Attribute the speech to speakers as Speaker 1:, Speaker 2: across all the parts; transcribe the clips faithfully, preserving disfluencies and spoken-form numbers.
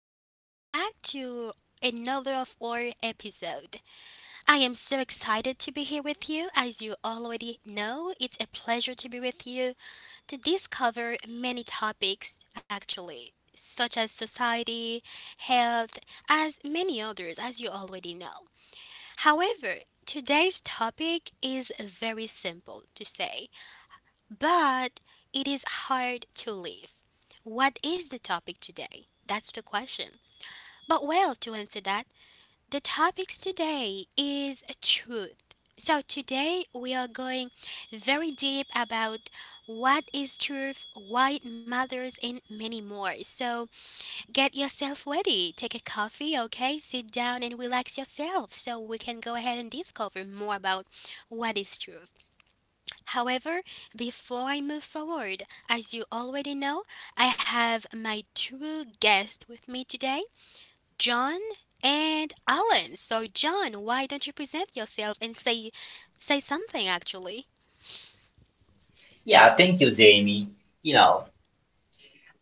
Speaker 1: welcome back to another of our episode. I am so excited to be here with you. As you already know, it's a pleasure to be with you to discover many topics actually, such as society, health, as many others as you already know. However, today's topic is very simple to say. But it is hard to live. What is the topic today? That's the question. But well, to answer that, the topics today is truth. So today we are going very deep about what is truth, why it matters, and many more. So get yourself ready, take a coffee, okay? Sit down and relax yourself so we can go ahead and discover more about what is truth. However, before I move forward, as you already know, I have my two guests with me today, John and Alan. So, John, why don't you present yourself and say say something actually?
Speaker 2: Yeah, thank you, Jamie. You know,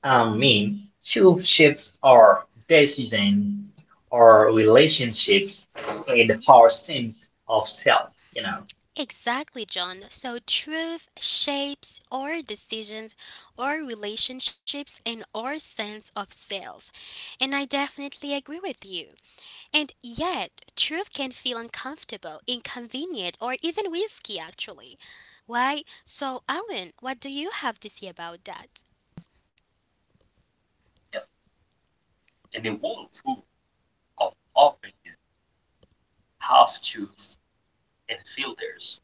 Speaker 2: I mean, two shifts or decision or relationships with
Speaker 1: Hmm.
Speaker 2: our sense of self, you know.
Speaker 1: Exactly, John. So, truth shapes our decisions, our relationships, and our sense of self. And I definitely agree with you. And yet, truth can feel uncomfortable, inconvenient, or even risky, actually. Why? So, Alan, what do you have to say about that?
Speaker 3: Yeah, and it won't prove of opening half to and filters.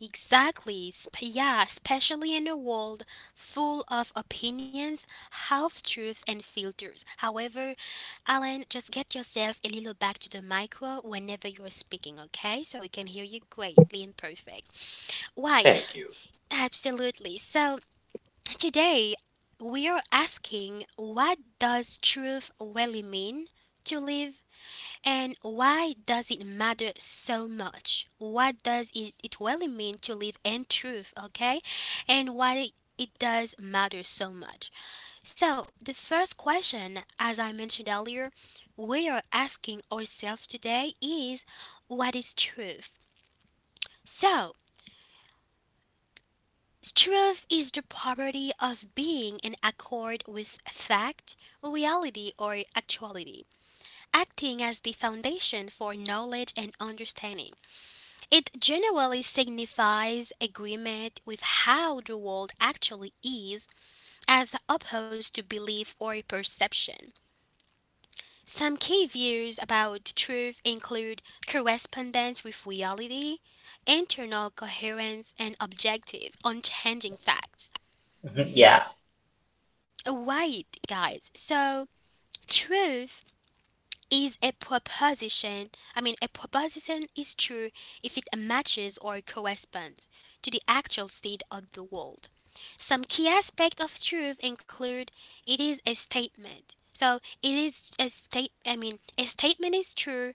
Speaker 1: Exactly. Sp- yeah, especially in a world full of opinions, half truth, and filters. However, Alan, just get yourself a little back to the micro whenever you're speaking, okay? So we can hear you greatly and perfect. Why?
Speaker 3: Thank you.
Speaker 1: Absolutely. So, today, we are asking what does truth really mean to live and why does it matter so much? What does it, it really mean to live and truth, okay? And why it it does matter so much. So, the first question, as I mentioned earlier, we are asking ourselves today is what is truth? So, truth is the property of being in accord with fact, reality, or actuality, acting as the foundation for knowledge and understanding. It generally signifies agreement with how the world actually is, as opposed to belief or perception. Some key views about truth include correspondence with reality, internal coherence, and objective, unchanging facts.
Speaker 2: Mhm, yeah,
Speaker 1: Right, guys. So, truth is a proposition. I mean, a proposition is true if it matches or corresponds to the actual state of the world. Some key aspects of truth include it is a statement. So, it is a state I mean, a statement is true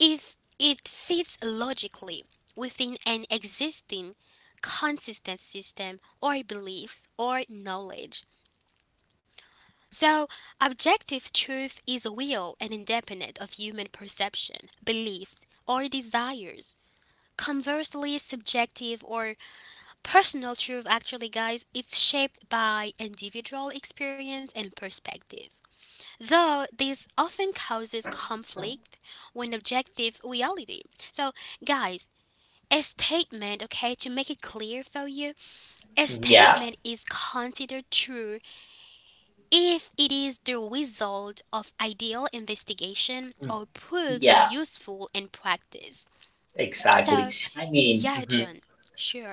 Speaker 1: if it fits logically within an existing consistent system or beliefs or knowledge. So, objective truth is a will and independent of human perception, beliefs, or desires. Conversely, subjective or personal truth actually, guys, it's shaped by individual experience and perspective. Though this often causes conflict with objective reality. So, guys, a statement, okay, to make it clear for you, a
Speaker 2: mhm, yeah,
Speaker 1: statement is considered true if it is the result of ideal investigation
Speaker 2: mhm,
Speaker 1: or proves
Speaker 2: yeah,
Speaker 1: useful in practice.
Speaker 2: exactly.
Speaker 1: So,
Speaker 2: I mean,
Speaker 1: yeah,
Speaker 2: mhm,
Speaker 1: John,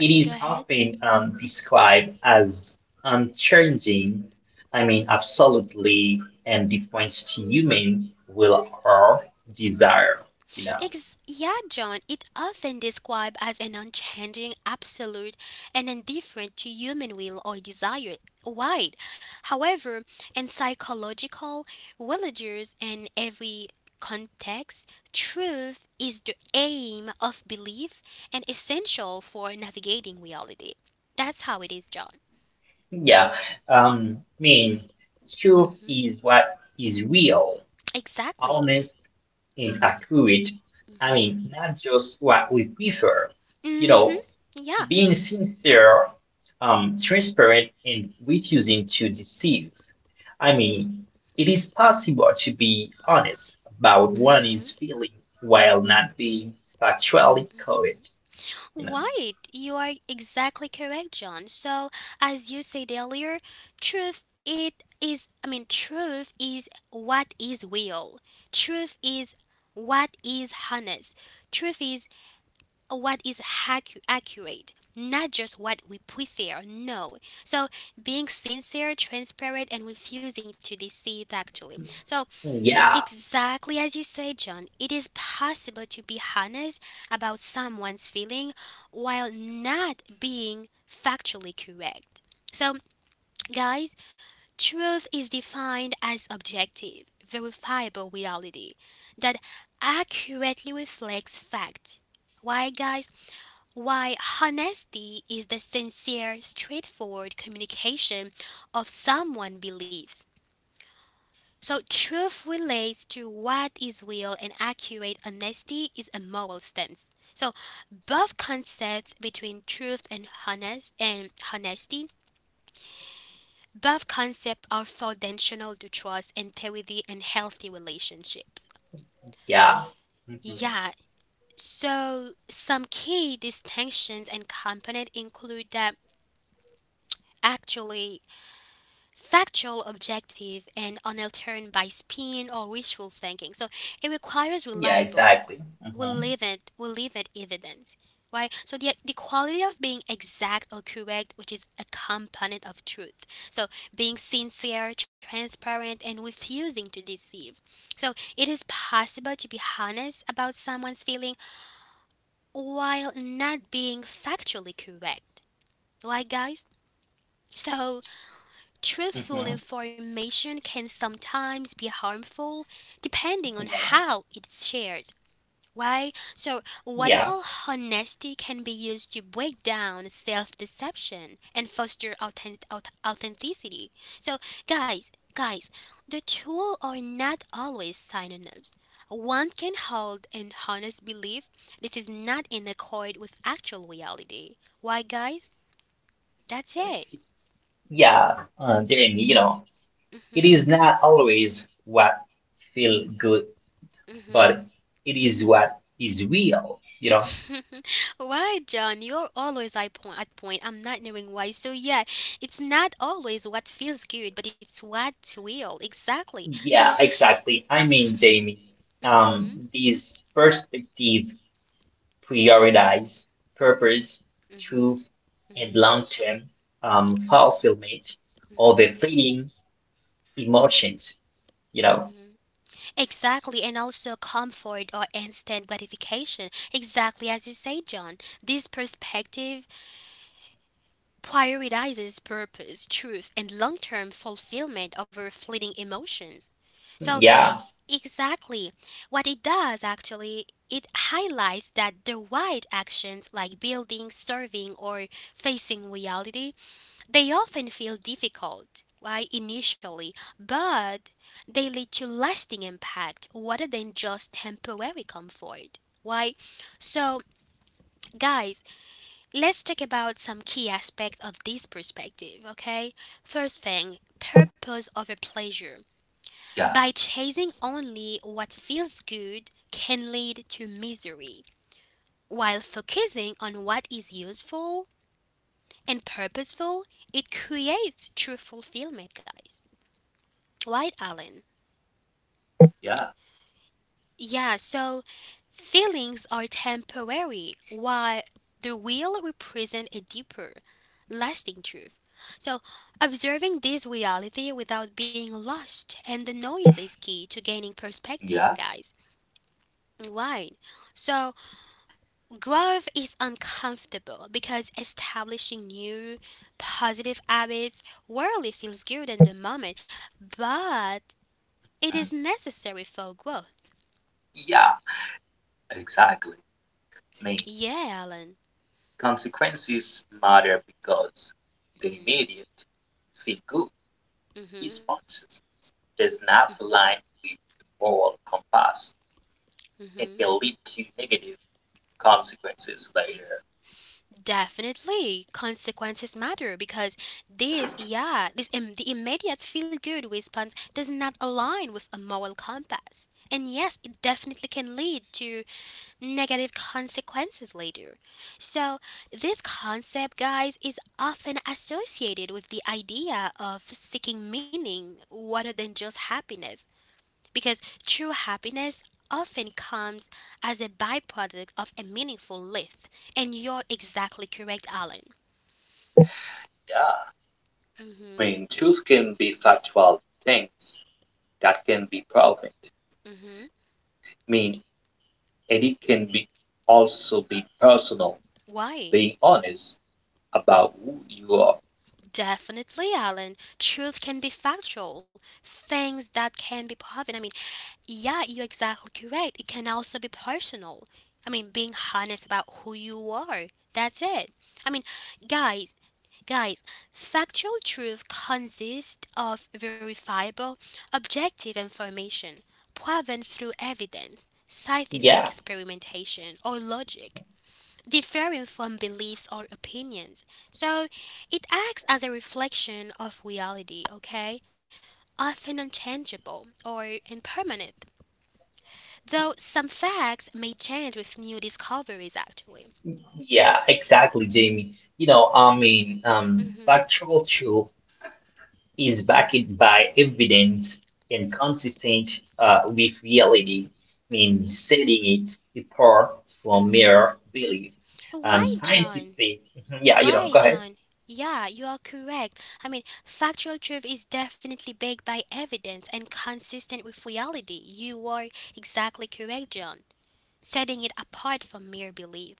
Speaker 2: it is
Speaker 1: go ahead.
Speaker 2: often um, described as unchanging, I mean, absolutely, and defines to human will or desire, you know.
Speaker 1: Ex- yeah, John, it often described as an unchanging absolute and indifferent to human will or desire wide. However, in psychological, religious, and every context, truth is the aim of belief and essential for navigating reality. That's how it is, John.
Speaker 2: Yeah, um, I mean, truth
Speaker 1: Hmm.
Speaker 2: is what is real,
Speaker 1: Exactly.
Speaker 2: honest, and accurate. I
Speaker 1: Hmm.
Speaker 2: mean, not just what we prefer. You
Speaker 1: Hmm.
Speaker 2: know,
Speaker 1: Yeah.
Speaker 2: being sincere, um, transparent, and refusing to deceive. I mean, it is possible to be honest about what is feeling while not being factually correct. You know,
Speaker 1: Right, you are exactly correct, John. So, as you said earlier, truth it is I mean, truth is what is real. Truth is what is honest. Truth is what is accu- accurate, not just what we prefer. No. So, being sincere, transparent and refusing to deceive actually. So,
Speaker 2: Mm, yeah.
Speaker 1: exactly as you said, John, it is possible to be honest about someone's feeling while not being factually correct. So, guys, truth is defined as objective, verifiable reality that accurately reflects fact. Why, guys? Why honesty is the sincere, straightforward communication of someone's beliefs, so, truth relates to what is real, and accurate honesty is a moral stance. So, both concepts between truth and honest and honesty, both concepts are foundational to trust and healthy and healthy relationships.
Speaker 2: Yeah. Hmm.
Speaker 1: Yeah. So, some key distinctions and component include that actually factual objective and unaltered by spin or wishful thinking, so it requires
Speaker 2: Yeah,
Speaker 1: reliable
Speaker 2: exactly.
Speaker 1: will
Speaker 2: Hmm.
Speaker 1: leave it will leave it evident. Right, so the, the quality of being exact or correct which is a component of truth. So being sincere transparent and refusing to deceive. So it is possible to be honest about someone's feeling while not being factually correct, right, guys. So truthful
Speaker 2: Hmm.
Speaker 1: information can sometimes be harmful depending on
Speaker 2: Yeah.
Speaker 1: how it's shared. Why? So, what they
Speaker 2: Yeah.
Speaker 1: call honesty can be used to break down self deception and foster authentic- authenticity. So, guys, guys, the two are not always synonyms. One can hold an honest belief this is not in accord with actual reality. Why, guys? That's it.
Speaker 2: Yeah. Uh, Jamie, you know, it
Speaker 1: Hmm.
Speaker 2: is not always what feel good,
Speaker 1: Hmm.
Speaker 2: but it is what is real, you know?
Speaker 1: Why, John? You're always at point. At point. I'm not knowing why. So yeah, it's not always what feels good, but it's what's real. Exactly. So,
Speaker 2: Yeah, exactly. I mean,
Speaker 1: mm-hmm,
Speaker 2: Jamie, um, these perspective prioritize purpose,
Speaker 1: mm-hmm.
Speaker 2: truth, and long-term um fulfillment of the fleeting emotions, you know?
Speaker 1: Exactly, and also comfort or instant gratification. Exactly as you say, John. This perspective prioritizes purpose, truth, and long-term fulfillment over fleeting emotions. So
Speaker 2: Yeah.
Speaker 1: exactly. What it does actually, it highlights that the right actions like building, serving, or facing reality, they often feel difficult, right, initially, but they lead to lasting impact rather than just temporary comfort. Why? So, guys, let's talk about some key aspects of this perspective, okay? First thing, purpose over pleasure
Speaker 3: Yeah,
Speaker 1: by chasing only what feels good can lead to misery. While focusing on what is useful and purposeful, it creates true fulfillment, guys. Right, Alan?
Speaker 3: yeah,
Speaker 1: Yeah, so feelings are temporary, while the will represent a deeper, lasting truth. So, observing this reality without being lost and the noise is key to gaining perspective,
Speaker 3: yeah,
Speaker 1: guys. Right. So, growth is uncomfortable because establishing new positive habits rarely feels good in the moment, but it is
Speaker 3: mm,
Speaker 1: necessary for growth.
Speaker 3: yeah, exactly. Me.
Speaker 1: Yeah, Alan.
Speaker 3: Consequences matter because the immediate, feel good
Speaker 1: Mm. Mhm.
Speaker 3: responses does not align with the moral compass
Speaker 1: Mm.
Speaker 3: and
Speaker 1: Mhm.
Speaker 3: can lead to negative consequences later.
Speaker 1: Definitely, consequences matter because this, yeah, this Im- the immediate feel good response does not align with a moral compass. And yes, it definitely can lead to negative consequences later. So, this concept, guys, is often associated with the idea of seeking meaning rather than just happiness, because true happiness often comes as a byproduct of a meaningful life. And you're exactly correct, Alan.
Speaker 3: Yeah. I
Speaker 1: Mhm.
Speaker 3: mean, truth can be factual things that can be proven. I
Speaker 1: Mhm.
Speaker 3: mean, it can be also be personal,
Speaker 1: Why?
Speaker 3: being honest about who you are.
Speaker 1: Definitely, Alan. Truth can be factual. Things that can be proven. I mean, yeah, you're exactly correct. It can also be personal. I mean, being honest about who you are. That's it. I mean, guys, guys, factual truth consists of verifiable, objective information proven through evidence, scientific
Speaker 2: Yeah.
Speaker 1: experimentation, or logic, differing from beliefs or opinions. So, it acts as a reflection of reality, okay? Often unchangeable or impermanent. Though some facts may change with new discoveries, actually.
Speaker 2: Yeah, exactly, Jamie. You know, I mean, um, factual truth is backed by evidence and consistent uh, with reality, I mean,
Speaker 1: Mm-hmm.
Speaker 2: setting it apart from mere belief. Um,
Speaker 1: Why, John?
Speaker 2: scientific, mhm, yeah, you know,
Speaker 1: Why,
Speaker 2: go ahead.
Speaker 1: John? Yeah, you are correct. I mean, factual truth is definitely backed by evidence and consistent with reality. You are exactly correct, John, setting it apart from mere belief.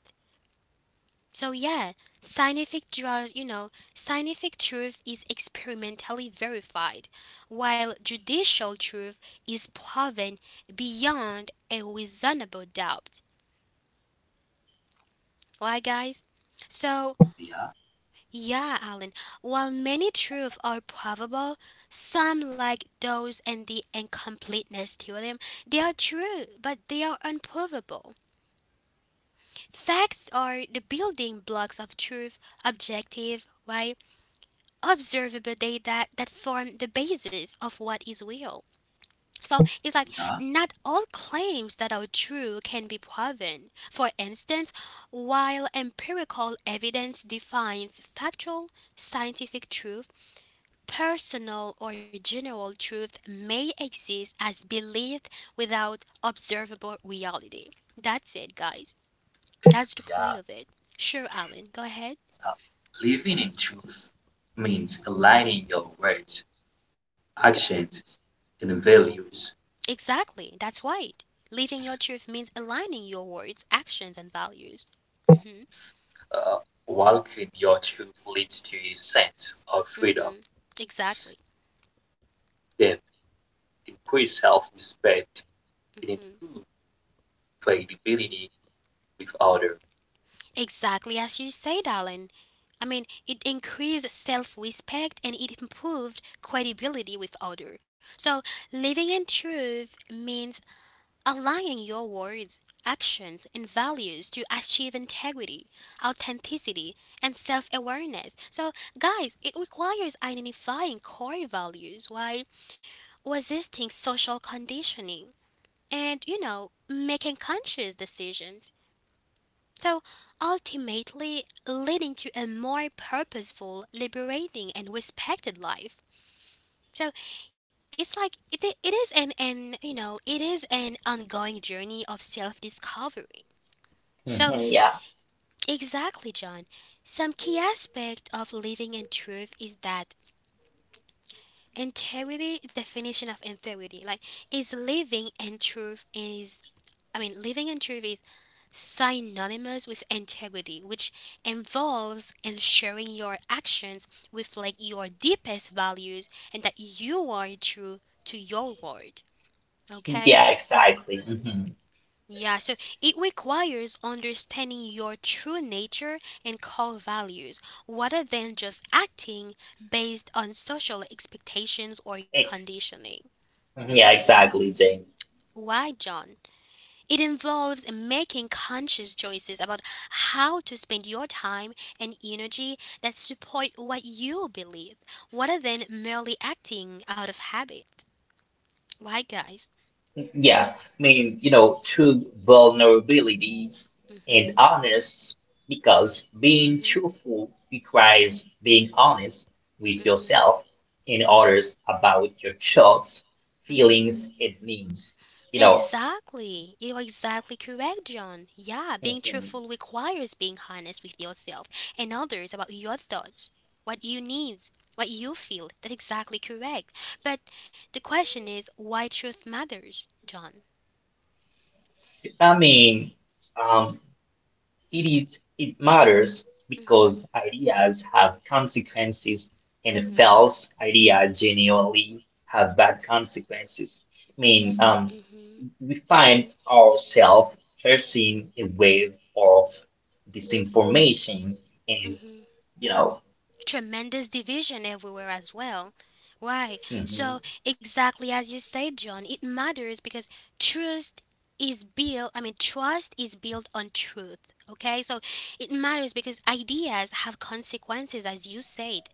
Speaker 1: So yeah, scientific draws, you know, scientific truth is experimentally verified, while judicial truth is proven beyond a reasonable doubt. Right, guys? So
Speaker 3: Yeah,
Speaker 1: yeah, Alan. While many truths are probable, some like those in the incompleteness theorem, they are true, but they are unprovable. Facts are the building blocks of truth, objective. Why? Observable data that form the basis of what is real. So it's like
Speaker 3: yeah.
Speaker 1: not all claims that are true can be proven. For instance, while empirical evidence defines factual, scientific truth, personal or general truth may exist as belief without observable reality. That's it, guys. That's the
Speaker 3: yeah.
Speaker 1: point of it. Sure, Alan, go ahead.
Speaker 3: Living in truth means aligning your words, actions, and values.
Speaker 1: Exactly, that's right. Living your truth means aligning your words, actions, and values. Hmm.
Speaker 3: Uh, Walking your truth leads to a sense of freedom,
Speaker 1: Hmm. Exactly.
Speaker 3: then increase self-respect and
Speaker 1: Mhm.
Speaker 3: improve credibility with others.
Speaker 1: Exactly as you say, darling. I mean, it increased self-respect and it improved credibility with others. So, living in truth means aligning your words, actions, and values to achieve integrity, authenticity, and self-awareness. So, guys, it requires identifying core values, why resisting social conditioning, and, you know, making conscious decisions. So ultimately leading to a more purposeful, liberating, and respected life. So it's like it, it is an, an you know it is an ongoing journey of self-discovery. So
Speaker 2: Mhm, yeah,
Speaker 1: exactly, John. Some key aspect of living in truth is that integrity definition of integrity like is living in truth is I mean, living in truth is synonymous with integrity, which involves ensuring your actions reflect your deepest values and that you are true to your word. Okay?
Speaker 2: yeah, exactly. Hmm.
Speaker 1: Yeah, so it requires understanding your true nature and core values rather than just acting based on social expectations or
Speaker 2: Ex
Speaker 1: conditioning.
Speaker 2: yeah, exactly, Jamie.
Speaker 1: Why, John? It involves making conscious choices about how to spend your time and energy that support what you believe, rather than merely acting out of habit. Right, guys?
Speaker 2: Yeah, I mean, you know, true vulnerabilities and
Speaker 1: Mm-hmm.
Speaker 2: honest because being
Speaker 1: Mm-hmm.
Speaker 2: truthful requires being honest with yourself and others about your thoughts,
Speaker 1: Mm-hmm. Mm-hmm.
Speaker 2: feelings, and needs. You know,
Speaker 1: Exactly. You're exactly correct, John. Yeah, being
Speaker 2: Mhm.
Speaker 1: truthful requires being honest with yourself and others about your thoughts, what you need, what you feel. That's exactly correct. But the question is why truth matters, John.
Speaker 2: I mean, um, it is it matters
Speaker 1: Mhm.
Speaker 2: because ideas have consequences, and
Speaker 1: Mhm.
Speaker 2: false idea genuinely have bad consequences. I mean, um.
Speaker 1: Mhm.
Speaker 2: we
Speaker 1: Mhm.
Speaker 2: find ourselves facing a wave of disinformation and
Speaker 1: Mhm.
Speaker 2: you know
Speaker 1: Tremendous division everywhere as well. Right.
Speaker 2: mhm.
Speaker 1: So exactly as you said, John, it matters because trust is built. I mean, trust is built on truth. Okay. So it matters because ideas have consequences, as you said.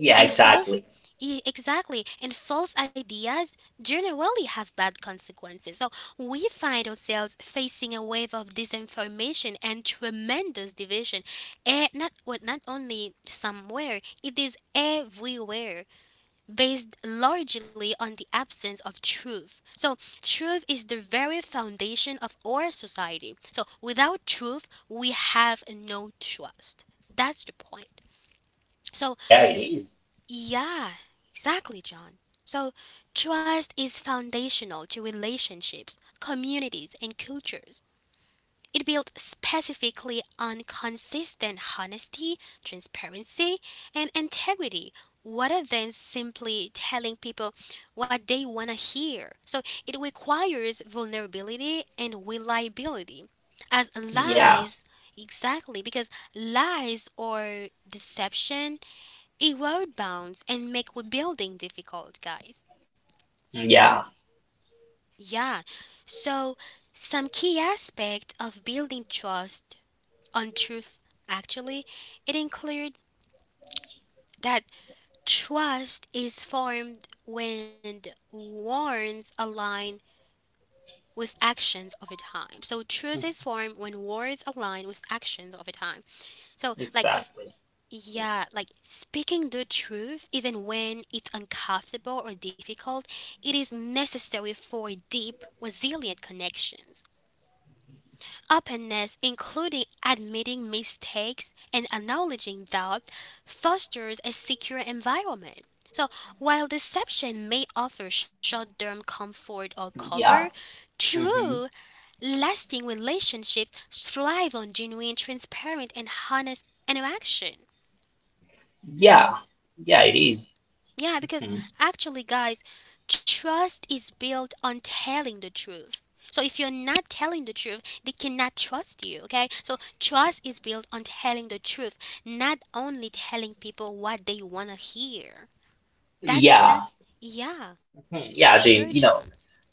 Speaker 2: Yeah,
Speaker 1: And false,
Speaker 2: exactly.
Speaker 1: e- exactly, and false ideas generally have bad consequences. So we find ourselves facing a wave of disinformation and tremendous division. Eh, not well, not only somewhere, it is everywhere, based largely on the absence of truth. So truth is the very foundation of our society. So without truth, we have no trust. That's the point. So
Speaker 2: Yeah, it is.
Speaker 1: yeah, exactly, John. So, trust is foundational to relationships, communities, and cultures. It built specifically on consistent honesty, transparency, and integrity, rather than simply telling people what they want to hear. So, it requires vulnerability and reliability. As
Speaker 2: Yeah,
Speaker 1: lies, exactly, because lies or deception erode bounds and make rebuilding difficult, guys.
Speaker 2: yeah,
Speaker 1: Yeah. So some key aspect of building trust on truth actually it include that trust is formed when words align with actions over time. So trust is formed when words align with actions over time. So like
Speaker 2: exactly.
Speaker 1: Yeah, like speaking the truth, even when it's uncomfortable or difficult, it is necessary for deep, resilient connections. Openness, including admitting mistakes and acknowledging doubt, fosters a secure environment. So, while deception may offer short term comfort or cover,
Speaker 2: Yeah.
Speaker 1: true,
Speaker 2: Hmm.
Speaker 1: lasting relationships thrive on genuine, transparent, and honest interaction.
Speaker 2: Yeah, yeah, it is.
Speaker 1: Yeah, because
Speaker 2: Mhm.
Speaker 1: actually, guys, trust is built on telling the truth. So if you're not telling the truth, they cannot trust you, okay? So trust is built on telling the truth, not only telling people what they want to hear. That's
Speaker 2: Yeah.
Speaker 1: that. Yeah,
Speaker 2: Mhm. Yeah,
Speaker 1: sure,
Speaker 2: the you
Speaker 1: John.
Speaker 2: know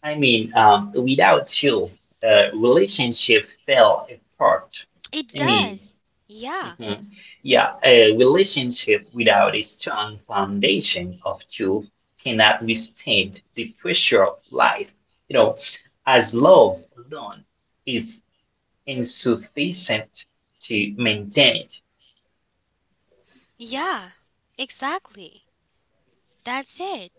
Speaker 2: I mean, um without you uh relationship fell apart.
Speaker 1: It
Speaker 2: I mean,
Speaker 1: does. Yeah.
Speaker 2: mhm. Yeah, a relationship without a strong foundation of truth cannot withstand the pressure of life. You know, as
Speaker 1: hmm
Speaker 2: love alone is insufficient to maintain it.
Speaker 1: Yeah, exactly. That's it.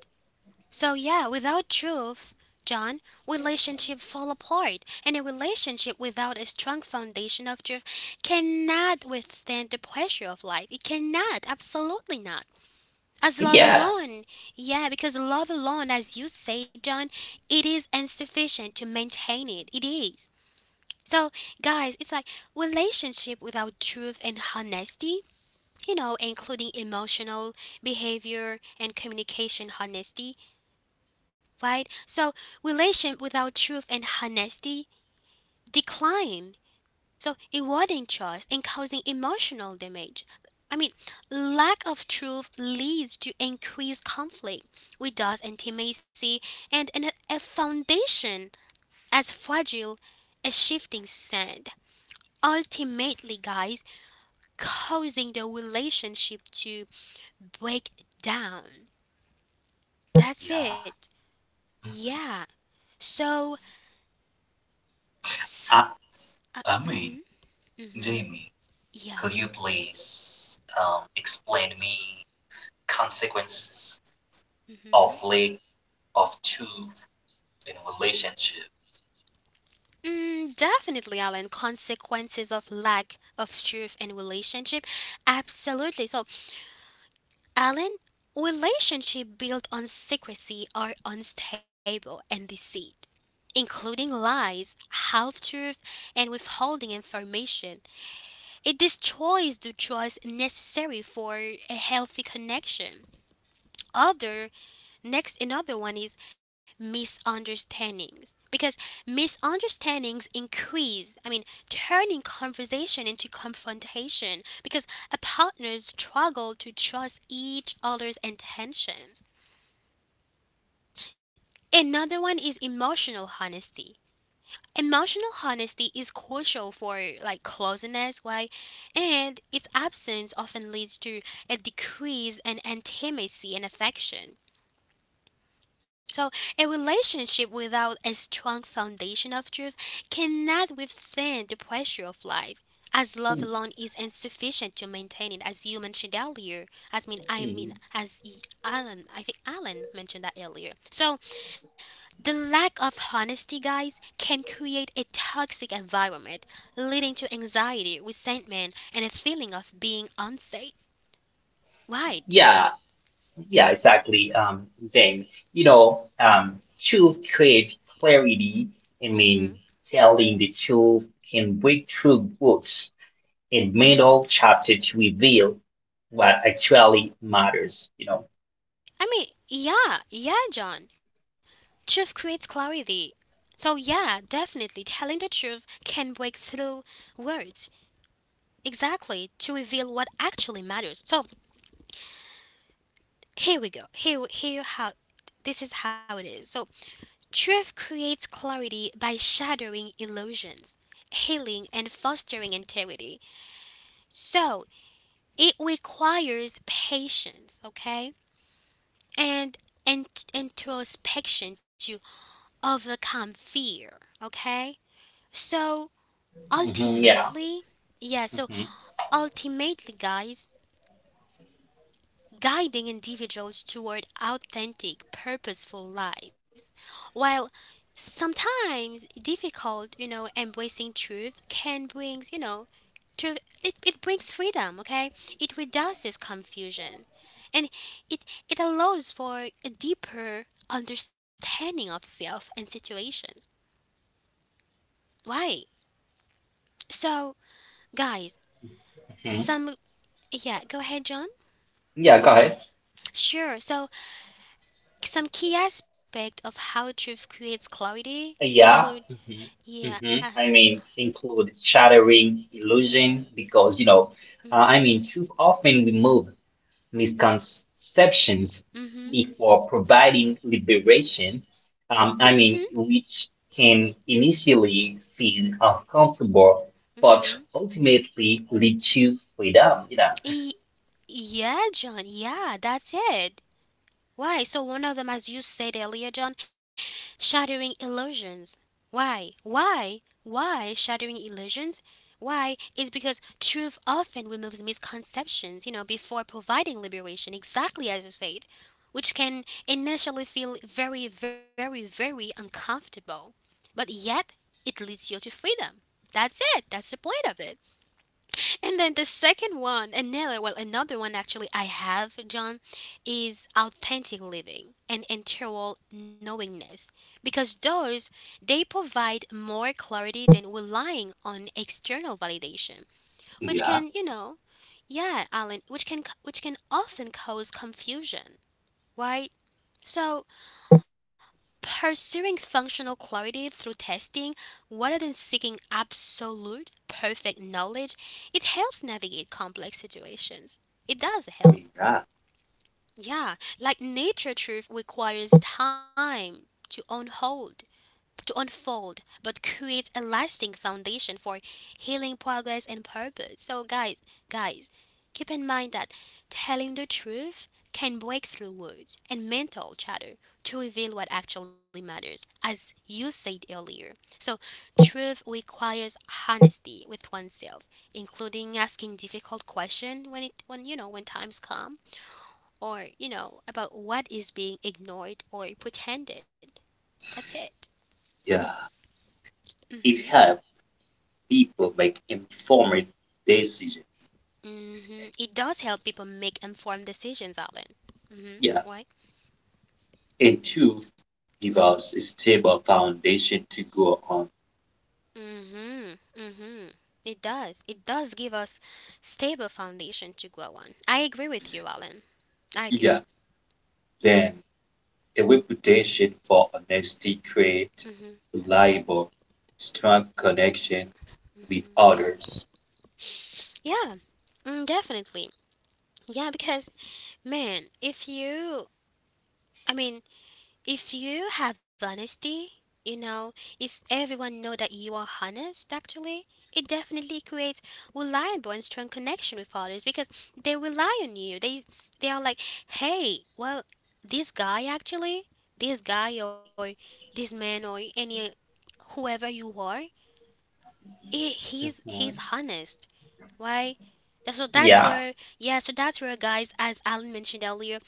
Speaker 1: So yeah, without truth, John, relationships fall apart, and a relationship without a strong foundation of truth cannot withstand the pressure of life. It cannot, absolutely not. As love
Speaker 2: Yeah,
Speaker 1: alone, yeah, because love alone, as you say, John, it is insufficient to maintain it. It is. So, guys, it's like relationship without truth and honesty, you know, including emotional, behavior, and communication honesty, right? So relation without truth and honesty decline. So eroding trust and causing emotional damage. I mean, lack of truth leads to increased conflict, with thus intimacy and an, a foundation as fragile as shifting sand. Ultimately, guys, causing the relationship to break down. That's it.
Speaker 3: Yeah,
Speaker 1: Yeah. So, s-
Speaker 3: I,
Speaker 1: uh,
Speaker 3: I mean, Jamie,
Speaker 1: yeah.
Speaker 3: could you please um, explain me consequences of late, of two in relationship.
Speaker 1: Mm, definitely, Alan. Consequences of lack of truth in relationship. Absolutely. So, Alan, relationship built on secrecy are unstable and deceit, including lies, half-truth, and withholding information. It destroys the trust necessary for a healthy connection. Other Next, another one is misunderstandings because misunderstandings increase, I mean, turning conversation into confrontation because a partners struggle to trust each other's intentions. Another one is emotional honesty. Emotional honesty is crucial for like closeness, why? And its absence often leads to a decrease in intimacy and affection. So, a relationship without a strong foundation of truth cannot withstand the pressure of life, as love alone is insufficient to maintain it, as you mentioned earlier. As mean, I
Speaker 2: mhm,
Speaker 1: mean, as y- Alan, I think Alan mentioned that earlier. So, the lack of honesty, guys, can create a toxic environment, leading to anxiety, resentment, and a feeling of being unsafe. Right,
Speaker 2: yeah,
Speaker 1: John?
Speaker 2: yeah, exactly. Um, Then, you know, um, truth creates clarity. I
Speaker 1: hmm
Speaker 2: mean, telling the truth can break through walls in middle chapter to reveal what actually matters. You know.
Speaker 1: I mean, yeah, yeah, John. Truth creates clarity. So, yeah, definitely telling the truth can break through words. Exactly, to reveal what actually matters. So, here we go. Here, here how this is how it is. So, truth creates clarity by shattering illusions, healing and fostering integrity. So, it requires patience, okay? And and introspection to overcome fear, okay? So,
Speaker 2: Hmm. Yeah.
Speaker 1: ultimately, yeah, so
Speaker 2: Hmm.
Speaker 1: ultimately, guys, guiding individuals toward authentic, purposeful lives. While sometimes difficult, you know, embracing truth can brings, you know, truth, it, it brings freedom, okay? It reduces confusion. And it, it allows for a deeper understanding of self and situations. Right. So, guys,
Speaker 2: Hmm.
Speaker 1: some, yeah, go ahead, John.
Speaker 2: Yeah. Go ahead.
Speaker 1: Sure. So some key aspect of how truth creates clarity include
Speaker 2: Yeah. Hmm.
Speaker 1: yeah,
Speaker 2: Hmm.
Speaker 1: uh,
Speaker 2: I mean, include shattering illusion because you know, uh,
Speaker 1: mhm,
Speaker 2: I mean, too often we move misconceptions
Speaker 1: mhm,
Speaker 2: before providing liberation. Um,
Speaker 1: mhm,
Speaker 2: I mean, which can initially feel uncomfortable, but
Speaker 1: mhm.
Speaker 2: ultimately lead to freedom. You know.
Speaker 1: E- yeah, John. Yeah, that's it. Why? So one of them, as you said earlier, John, shattering illusions. Why? Why? Why shattering illusions? Why? It's because truth often removes misconceptions, you know, before providing liberation, exactly as you said, which can initially feel very, very, very uncomfortable. But yet, it leads you to freedom. That's it. That's the point of it. And then the second one, another, well, another one actually I have, John, is authentic living and integral knowingness. Because those, they provide more clarity than relying on external validation, which
Speaker 3: Yeah,
Speaker 1: can, you know, yeah, Alan, which can, which can often cause confusion, right? So, pursuing functional clarity through testing rather than seeking absolute perfect knowledge, it helps navigate complex situations. It does help.
Speaker 3: yeah,
Speaker 1: Yeah, like nature truth requires time to unfold to unfold but creates a lasting foundation for healing progress and purpose. So guys, guys, keep in mind that telling the truth can break through words and mental chatter to reveal what actually matters as you said earlier. So truth requires honesty with oneself, including asking difficult questions when it when you know when times come or you know about what is being ignored or pretended. That's it.
Speaker 3: yeah. It
Speaker 1: Mhm.
Speaker 3: helps people make informed decisions.
Speaker 1: hmm It does help people make informed decisions, Alan. Mm-hmm.
Speaker 3: Yeah,
Speaker 1: Why?
Speaker 3: and two, give us a stable foundation to go on.
Speaker 1: Mm-hmm. Mm-hmm. It does. It does give us stable foundation to grow on. I agree with you, Alan. I do.
Speaker 3: Yeah, then a reputation for honesty
Speaker 1: Mm-hmm.
Speaker 3: create reliable, strong connection with others.
Speaker 1: Yeah. Mm, definitely. Yeah, because man, if you, I mean, if you have honesty, you know, if everyone know that you are honest, actually, it definitely creates reliable and strong connection with others because they rely on you. They s- they are like, hey, well, this guy actually, this guy or this man or any whoever you are, he, he's he's
Speaker 2: Mhm.
Speaker 1: honest. Why? That- So that's
Speaker 2: Yeah,
Speaker 1: where, yeah. So that's where, guys, as Alan mentioned earlier,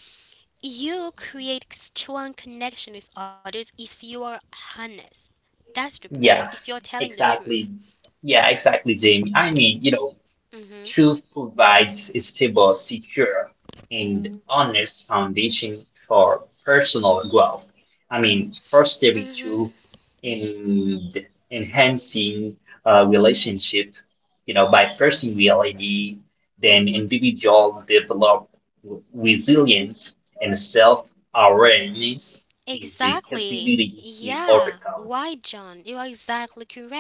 Speaker 1: you create strong connection with others if you are honest. That's the point.
Speaker 2: yeah,
Speaker 1: If you're telling the truth.
Speaker 2: exactly. Yeah, exactly, Jamie. I mean, you know,
Speaker 1: Mhm.
Speaker 2: Truth provides a stable, secure, and
Speaker 1: Mhm.
Speaker 2: honest foundation for personal growth. I mean, fostering
Speaker 1: Mhm.
Speaker 2: truth and enhancing uh, relationship, you know, by first reality, then individual develop resilience and self-awareness and the
Speaker 1: Exactly.
Speaker 2: capability to
Speaker 1: Yeah.
Speaker 2: overcome.
Speaker 1: Why, John? You are exactly correct.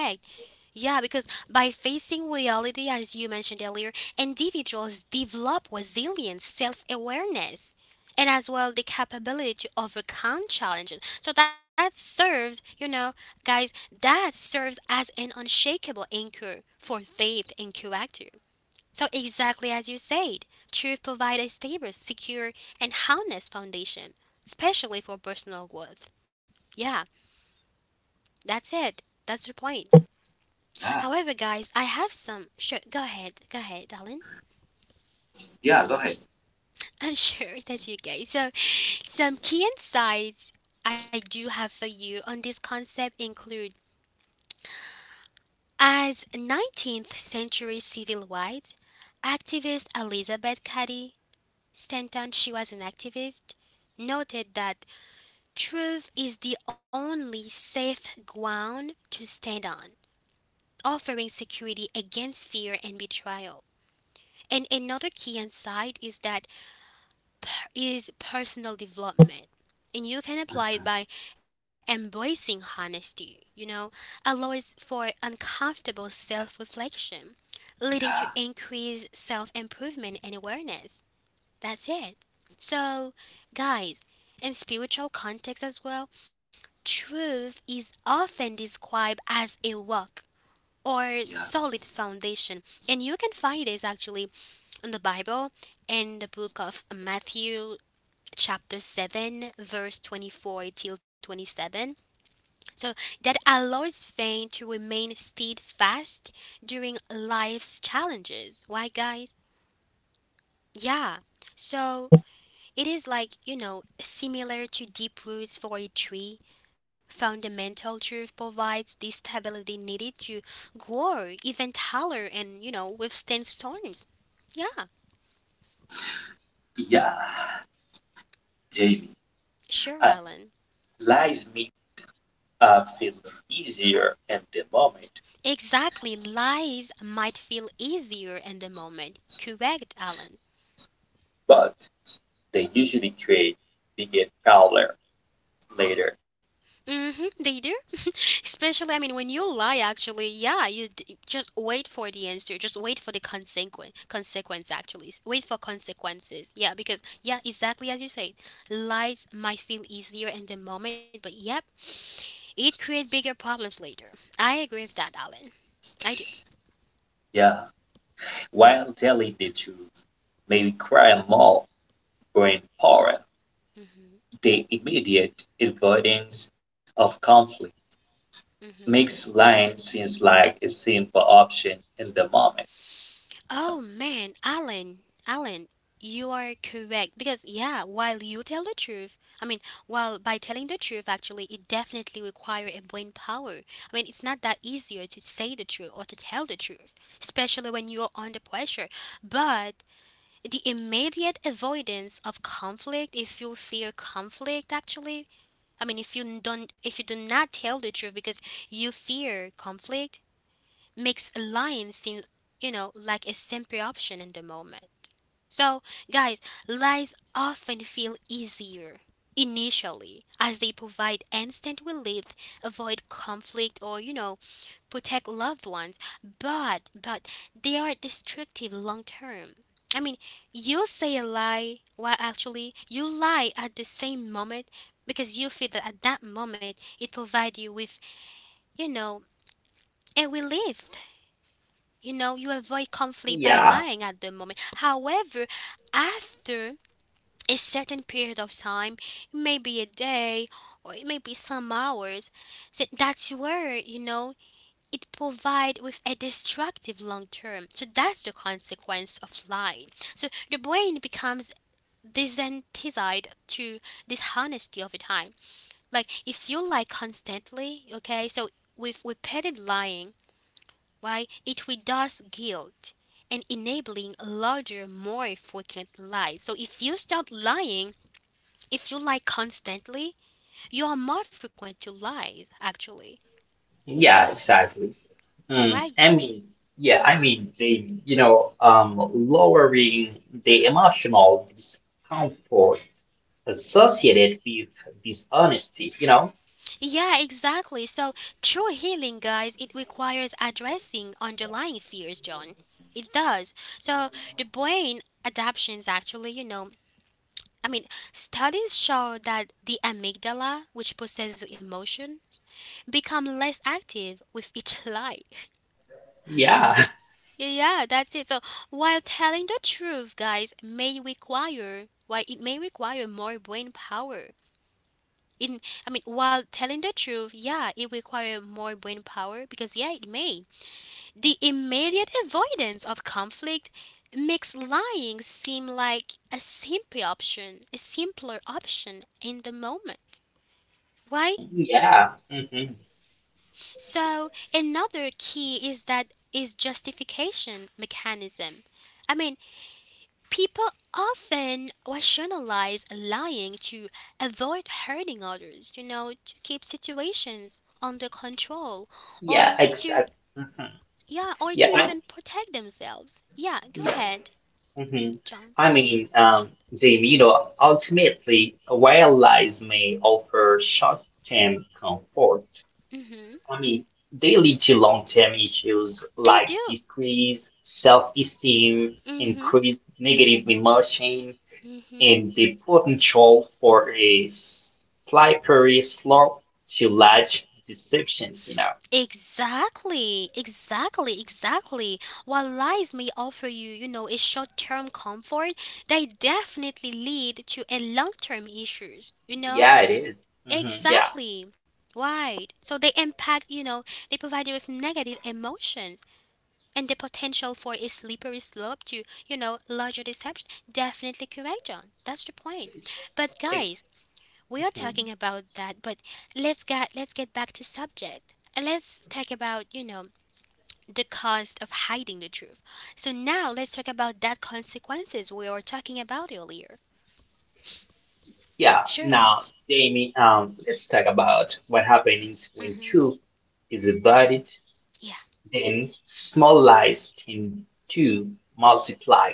Speaker 1: Yeah, because by facing reality, as you mentioned earlier, individuals develop resilience, self awareness, and as well the capability to overcome challenges. So that serves, you know, guys, that serves as an unshakable anchor for faith and character. So, exactly as you said, truth provides a stable, secure, and honest foundation, especially for personal growth. Yeah, that's it. That's the point.
Speaker 3: Yeah,
Speaker 1: However, guys, I have some. Sure, go ahead. Go ahead, Alan.
Speaker 3: yeah, go ahead.
Speaker 1: I'm sure that's you guys. So, some key insights I do have for you on this concept include as nineteenth century civil rights activist Elizabeth Cady Stanton, she was an activist, noted that truth is the only safe ground to stand on, offering security against fear and betrayal. And another key insight is that per- is personal development. And you can apply it by embracing honesty, you know, allows for uncomfortable self reflection, leading to
Speaker 3: Yeah,
Speaker 1: increased self improvement and awareness. That's it. So, guys, in spiritual context as well, truth is often described as a rock or
Speaker 3: yeah,
Speaker 1: solid foundation. And you can find this actually in the Bible in the book of Matthew chapter seven verse twenty-four till twenty-seven. So that allows faith to remain steadfast during life's challenges. Why guys? Yeah. So it is like, you know, similar to deep roots for a tree. Fundamental truth provides the stability needed to grow even taller and, you know, withstand storms. Yeah,
Speaker 3: yeah. Jamie,
Speaker 1: sure,
Speaker 3: uh,
Speaker 1: Alan.
Speaker 3: lies me are feel easier at the moment,
Speaker 1: Exactly, lies might feel easier in the moment. Correct, Alan.
Speaker 3: but they usually create bigger problems later.
Speaker 1: Mm-hmm, they do. Especially, I mean, when you lie, actually, yeah, you d- just wait for the answer. Just wait for the consequence. Consequence, actually, S- wait for consequences. Yeah, because yeah, exactly as you say, lies might feel easier in the moment, but yep, it create bigger problems later. I agree with that, Alan. I do.
Speaker 3: Yeah. While telling the truth may require more brain power, the immediate avoidance of conflict
Speaker 1: Mm-hmm.
Speaker 3: makes lying seems like a simple option in the moment.
Speaker 1: Oh man, Alan, Alan, you are correct because yeah, while you tell the truth, I mean, while by telling the truth, actually, it definitely require a brain power. I mean, it's not that easier to say the truth or to tell the truth, especially when you are under pressure. But the immediate avoidance of conflict, if you fear conflict, actually, I mean, if you don't, if you do not tell the truth because you fear conflict, makes a lion seem, you know, like a simple option in the moment. So, guys, lies often feel easier initially as they provide instant relief, avoid conflict or, you know, protect loved ones, but but they are destructive long term. I mean, you say a lie while actually you lie at the same moment because you feel that at that moment it provides you with, you know, a relief you know, you avoid conflict by
Speaker 2: Yeah,
Speaker 1: lying at the moment. However, after a certain period of time, it may be a day or it may be some hours, so that's where, you know, it provide with a destructive long term. So that's the consequence of lying. So the brain becomes desensitized to dishonesty over time. Like if you lie constantly, okay, so with repeated lying, why, it reduces guilt and enabling larger, more frequent lies. So if you start lying, if you lie constantly, you are more frequent to lies, actually.
Speaker 2: yeah, exactly. Mm,
Speaker 1: Right,
Speaker 2: I
Speaker 1: guys?
Speaker 2: mean, yeah, I
Speaker 1: Mm-hmm.
Speaker 2: mean, they, you know, um, lowering the emotional discomfort
Speaker 1: Mm-hmm.
Speaker 2: associated with dishonesty, you know?
Speaker 1: Yeah, exactly. So true healing, guys, it requires addressing underlying fears, John. It does. So the brain adaptations actually, you know, I mean, studies show that the amygdala, which processes emotion, become less active with each lie.
Speaker 2: Yeah,
Speaker 1: Yeah, that's it. So while telling the truth, guys, may require why it may require more brain power. In I mean, while telling the truth, yeah, it requires more brain power because yeah, it may. The immediate avoidance of conflict makes lying seem like a simple option, a simpler option in the moment. Why?
Speaker 2: yeah, hmm,
Speaker 1: So another key is that is justification mechanism. I mean, people often rationalize lying to avoid hurting others, you know, to keep situations under control
Speaker 2: yeah,
Speaker 1: or to
Speaker 2: exactly. Hmm.
Speaker 1: yeah, or
Speaker 2: Yeah,
Speaker 1: to
Speaker 2: I,
Speaker 1: even protect themselves. Yeah, go
Speaker 2: yeah.
Speaker 1: ahead,
Speaker 2: Hmm.
Speaker 1: John.
Speaker 2: I
Speaker 1: Mhm.
Speaker 2: mean, um, they, you know, ultimately, while lies may offer short-term comfort,
Speaker 1: Mhm.
Speaker 2: I mean, they lead to long-term issues
Speaker 1: They
Speaker 2: like
Speaker 1: do.
Speaker 2: decreased self-esteem,
Speaker 1: Mhm.
Speaker 2: increased negative emotion,
Speaker 1: Mhm.
Speaker 2: and the potential for a slippery slope to large deceptions, you know.
Speaker 1: Exactly, exactly, exactly. While lies may offer you, you know, a short-term comfort, they definitely lead to a long-term issues, you know?
Speaker 2: Yeah, it is. Hmm. Yeah.
Speaker 1: Exactly. Right. So they impact, you know, they provide you with negative emotions and the potential for a slippery slope to, you know, larger deception. Definitely correct, John. That's the point. But
Speaker 2: Ex-
Speaker 1: guys, we are
Speaker 2: mhm.
Speaker 1: talking about that, but let's get let's get back to subject. And let's talk about, you know, the cost of hiding the truth. So now let's talk about that consequences we were talking about earlier.
Speaker 2: Yeah.
Speaker 1: Sure.
Speaker 2: Now, Jamie, um, let's talk about what happens when
Speaker 1: Mhm.
Speaker 2: truth is embodied,
Speaker 1: Yeah.
Speaker 2: then small lies tend to multiply.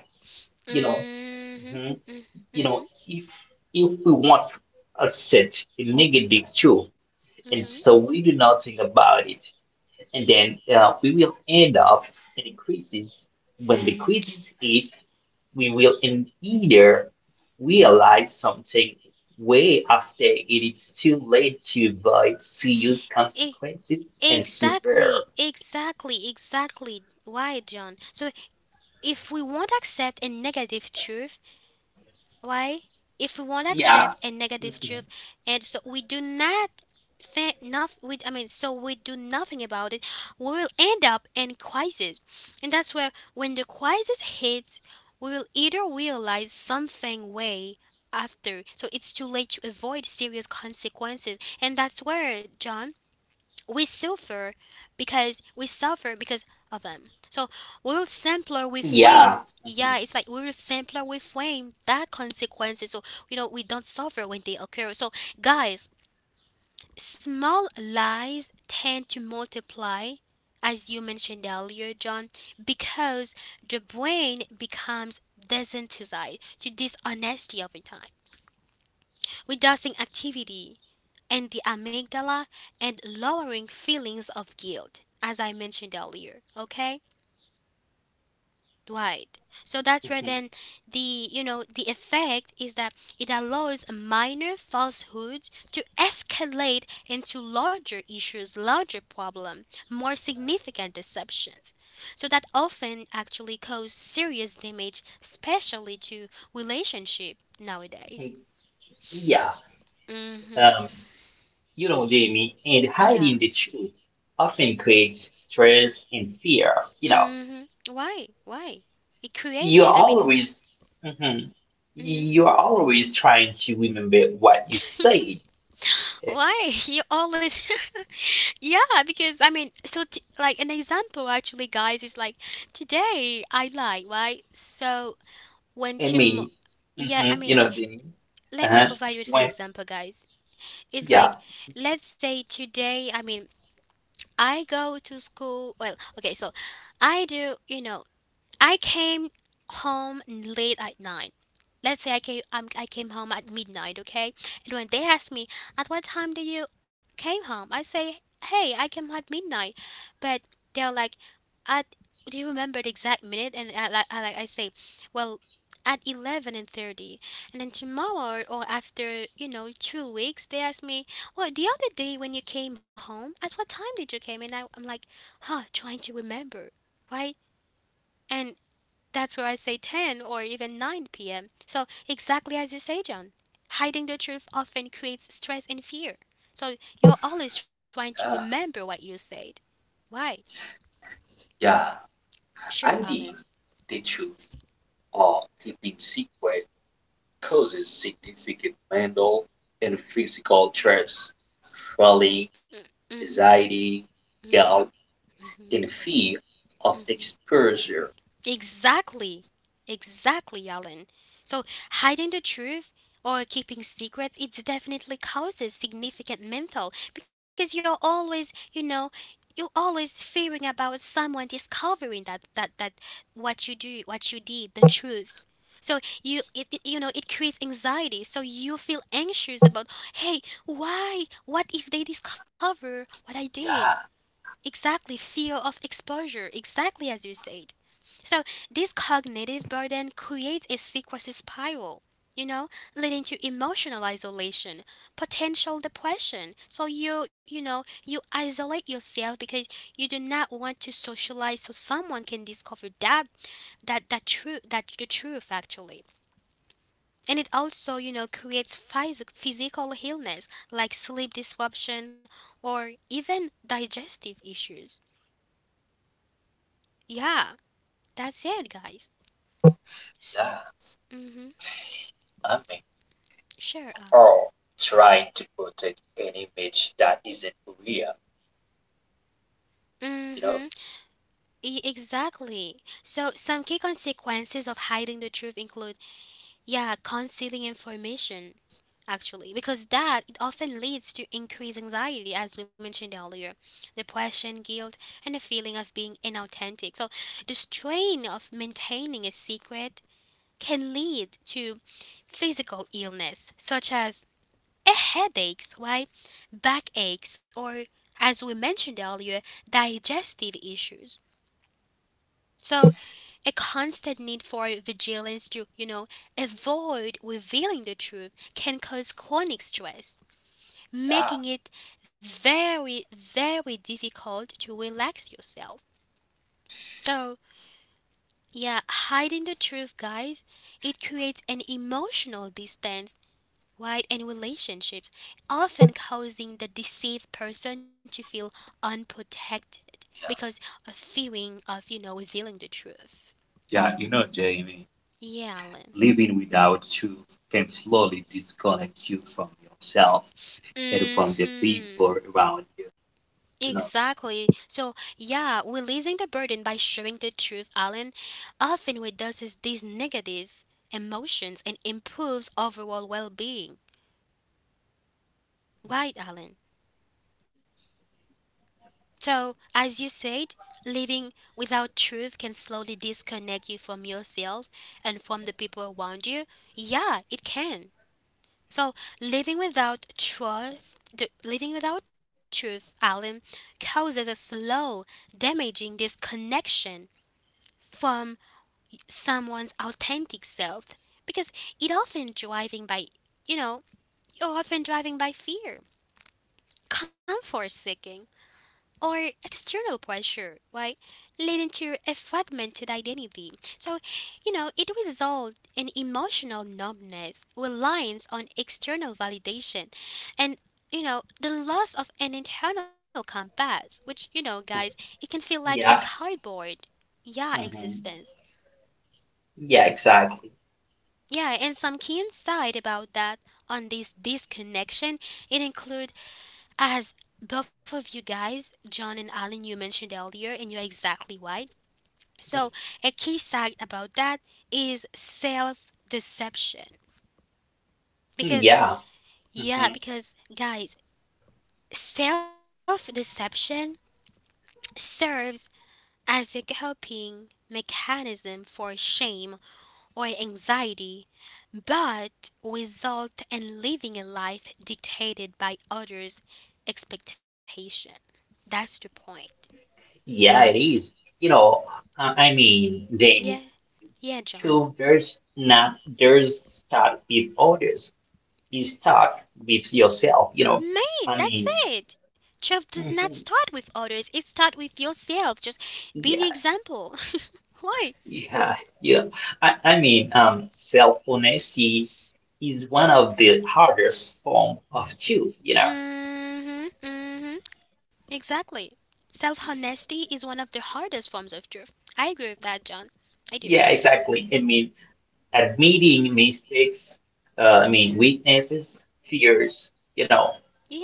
Speaker 2: You know,
Speaker 1: Mhm.
Speaker 2: Mhm.
Speaker 1: Mm-
Speaker 2: You know,
Speaker 1: Mhm.
Speaker 2: if if we want a set a negative truth, and
Speaker 1: Mhm.
Speaker 2: so we do nothing about it, and then uh, we will end up in a crisis. When the crisis hits, we will in either realize something way after it is too late to avoid serious
Speaker 1: E-
Speaker 2: consequences and
Speaker 1: Exactly,
Speaker 2: suffer.
Speaker 1: exactly, exactly. Why, John? So, if we won't accept a negative truth, Why? If we won't accept a
Speaker 2: Yeah.
Speaker 1: negative truth,
Speaker 2: Mhm.
Speaker 1: and so we do not think nothing, we, I mean, so we do nothing about it, we will end up in crisis, and that's where when the crisis hits, we will either realize something way after, so it's too late to avoid serious consequences, and that's where John we suffer because we suffer because of them. So we will simpler we
Speaker 2: Yeah.
Speaker 1: frame. Yeah,
Speaker 2: Mhm.
Speaker 1: it's like we will simpler we frame that consequences. So you know we don't suffer when they occur. So guys, small lies tend to multiply, as you mentioned earlier, John, because the brain becomes desensitized to dishonesty over time, reducing activity and the amygdala and lowering feelings of guilt as I mentioned earlier, okay? Right, so that's where then the you know the effect is that it allows minor falsehoods to escalate into larger issues, larger problem, more significant deceptions. So that often actually cause serious damage, especially to relationship nowadays.
Speaker 2: Mhm. Yeah.
Speaker 1: Hmm.
Speaker 2: Um, You know, Jamie, and
Speaker 1: Yeah.
Speaker 2: hiding the truth often creates stress and fear. You know,
Speaker 1: Hmm. Why? Why? It creates
Speaker 2: you're
Speaker 1: it. I mean,
Speaker 2: always, mhm,
Speaker 1: hmm
Speaker 2: you're always trying to remember what you said. I
Speaker 1: why? You always, yeah, because I mean, so t- like an example actually, guys, is like today I lie, right? So when
Speaker 2: mean,
Speaker 1: tomorrow, yeah,
Speaker 2: hmm
Speaker 1: I
Speaker 2: you know,
Speaker 1: mean,
Speaker 2: Jamie.
Speaker 1: let
Speaker 2: Uh-huh.
Speaker 1: me provide you with an
Speaker 2: When,
Speaker 1: example, guys. It's
Speaker 2: yeah,
Speaker 1: like, let's say today, I mean, I go to school. Well, okay, so I do, you know, I came home late at night. Let's say I came um, I came home at midnight, okay? And when they ask me at what time did you came home, I say, "Hey, I came at midnight," but they're like, "At do you remember the exact minute?" And I like I, like I say, "Well. At eleven and thirty." And then tomorrow or after you know two weeks, they ask me, "Well, the other day when you came home, at what time did you came?" And I, I'm like, "Huh, trying to remember, right?" And that's where I say ten or even nine p m. So, exactly as you say, John, hiding the truth often creates stress and fear. So, you're always trying to remember
Speaker 3: Ah,
Speaker 1: what you said. Right.
Speaker 3: yeah,
Speaker 1: Sure,
Speaker 3: hiding
Speaker 1: Alan.
Speaker 3: the truth or keeping secret causes significant mental and physical stress. Falling
Speaker 1: Mm hmm.
Speaker 3: anxiety,
Speaker 1: Mm hmm.
Speaker 3: guilt, and fear of exposure.
Speaker 1: Exactly. Exactly, Alan. So, hiding the truth or keeping secrets, it definitely causes significant mental because you're always, you know, you're always fearing about someone discovering that that that what you do, what you did, the truth. So you it, it you know it creates anxiety. So you feel anxious about, hey, why? What if they discover what I did?
Speaker 3: Yeah,
Speaker 1: Exactly, fear of exposure. Exactly as you said. So, this cognitive burden creates a secrecy spiral, you know, leading to emotional isolation, potential depression. So, you, you know, you isolate yourself because you do not want to socialize so someone can discover that, that, that true, that the truth actually. And it also, you know, creates phys- physical illness like sleep disruption or even digestive issues. Yeah, that's it, guys. S-
Speaker 3: yeah.
Speaker 1: mhm.
Speaker 3: I mean,
Speaker 1: Sure, Alan.
Speaker 3: all trying to protect an image that isn't real, you
Speaker 1: Mm-hmm.
Speaker 3: know?
Speaker 1: E- exactly. So some key consequences of hiding the truth include, yeah, concealing information actually, because that it often leads to increased anxiety, as we mentioned earlier, depression, guilt, and a feeling of being inauthentic. So the strain of maintaining a secret can lead to physical illness, such as a headaches, right, backaches, or as we mentioned earlier, digestive issues. So a constant need for vigilance to, you know, avoid revealing the truth can cause chronic stress,
Speaker 3: Yeah,
Speaker 1: making it very, very difficult to relax yourself. So, yeah, hiding the truth, guys, it creates an emotional distance, right, in relationships, often causing the deceived person to feel unprotected because
Speaker 3: yeah.
Speaker 1: of fearing of, you know, revealing the truth.
Speaker 3: Yeah, you know, Jamie,
Speaker 1: Yeah, Alan.
Speaker 3: living without truth can slowly disconnect you from yourself and
Speaker 1: Mm
Speaker 3: from the
Speaker 1: hmm.
Speaker 3: people around you. You know,
Speaker 1: Exactly. So, yeah, releasing the burden by sharing the truth, Alan. Often, what does is these negative emotions and improves overall well being. Right, Alan? So, as you said, living without truth can slowly disconnect you from yourself and from the people around you. Yeah, it can. So, living without truth, the, living without truth, Alan, causes a slow, damaging disconnection from someone's authentic self because it often driving by you know you're often driving by fear, comfort seeking, or external pressure, right, leading to a fragmented identity. So, you know, it results in emotional numbness, reliance on external validation, and you know the loss of an internal compass, which, you know, guys, it can feel like a
Speaker 2: yeah,
Speaker 1: cardboard, yeah,
Speaker 2: hmm,
Speaker 1: existence.
Speaker 2: yeah, exactly.
Speaker 1: Yeah, and some key insight about that on this disconnection, it include as both of you guys, John and Alan, you mentioned earlier, and you're exactly right. So a key side about that is self deception.
Speaker 2: Mm-hmm,
Speaker 1: Because
Speaker 2: yeah,
Speaker 1: yeah,
Speaker 2: hmm,
Speaker 1: because guys, self deception serves as a coping mechanism for shame or anxiety, but result in living a life dictated by others' expectation. That's the point.
Speaker 2: yeah, it is. You know, uh, I mean, Jamie,
Speaker 1: Yeah, yeah, John.
Speaker 2: truth does not does start with orders is talk with yourself, you know. I
Speaker 1: Man,
Speaker 2: mean,
Speaker 1: that's it. Truth does not
Speaker 2: mhm,
Speaker 1: start with others; it starts with yourself. Just be the
Speaker 2: yeah,
Speaker 1: example. Why?
Speaker 2: yeah, yeah. I, I mean, um, self-honesty is one of the hardest form of truth, you know.
Speaker 1: Mm-hmm. Mm-hmm. Exactly. Self-honesty is one of the hardest forms of truth. I agree with that, John. I
Speaker 2: Yeah,
Speaker 1: do.
Speaker 2: exactly. I mean, admitting mistakes, uh, I mean, weaknesses, fears, you know.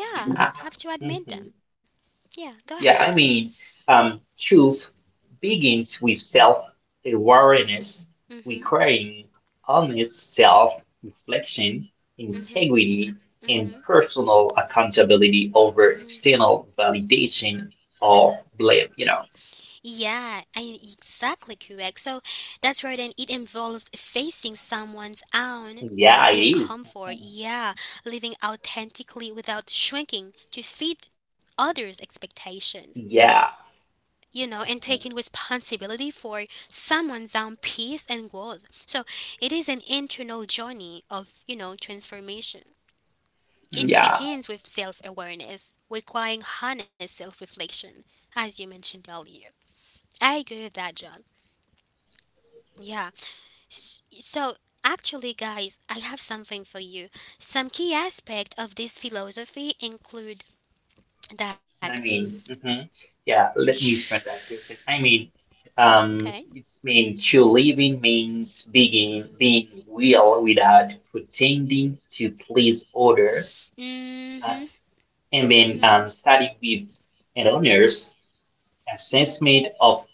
Speaker 1: Yeah, have to admit
Speaker 2: Mhm.
Speaker 1: them. Yeah, go ahead.
Speaker 2: Yeah, I mean, um, truth begins with self-awareness,
Speaker 1: Mhm,
Speaker 2: requiring honest self-reflection,
Speaker 1: mhm,
Speaker 2: integrity, and
Speaker 1: mhm.
Speaker 2: personal accountability over external validation or blame. You know,
Speaker 1: Yeah, I, exactly correct. So that's right, and it involves facing someone's own
Speaker 2: yeah, it is. Mhm.
Speaker 1: discomfort. Yeah, living authentically without shrinking to fit others' expectations.
Speaker 2: Yeah,
Speaker 1: You know, and taking responsibility for someone's own peace and growth. So it is an internal journey of you know transformation. It
Speaker 2: yeah.
Speaker 1: begins with self awareness, requiring honest self reflection, as you mentioned earlier. I agree with that, John. Yeah. S- So, actually, guys, I have something for you. Some key aspect of this philosophy include that.
Speaker 2: I mean, mhm. Yeah, let me express that question. I mean,
Speaker 1: Oh, okay.
Speaker 2: um, it's mean to living means being being real without pretending to please others, uh,
Speaker 1: Mm-hmm.
Speaker 2: and then
Speaker 1: Mm-hmm.
Speaker 2: um, study with an honest assessment of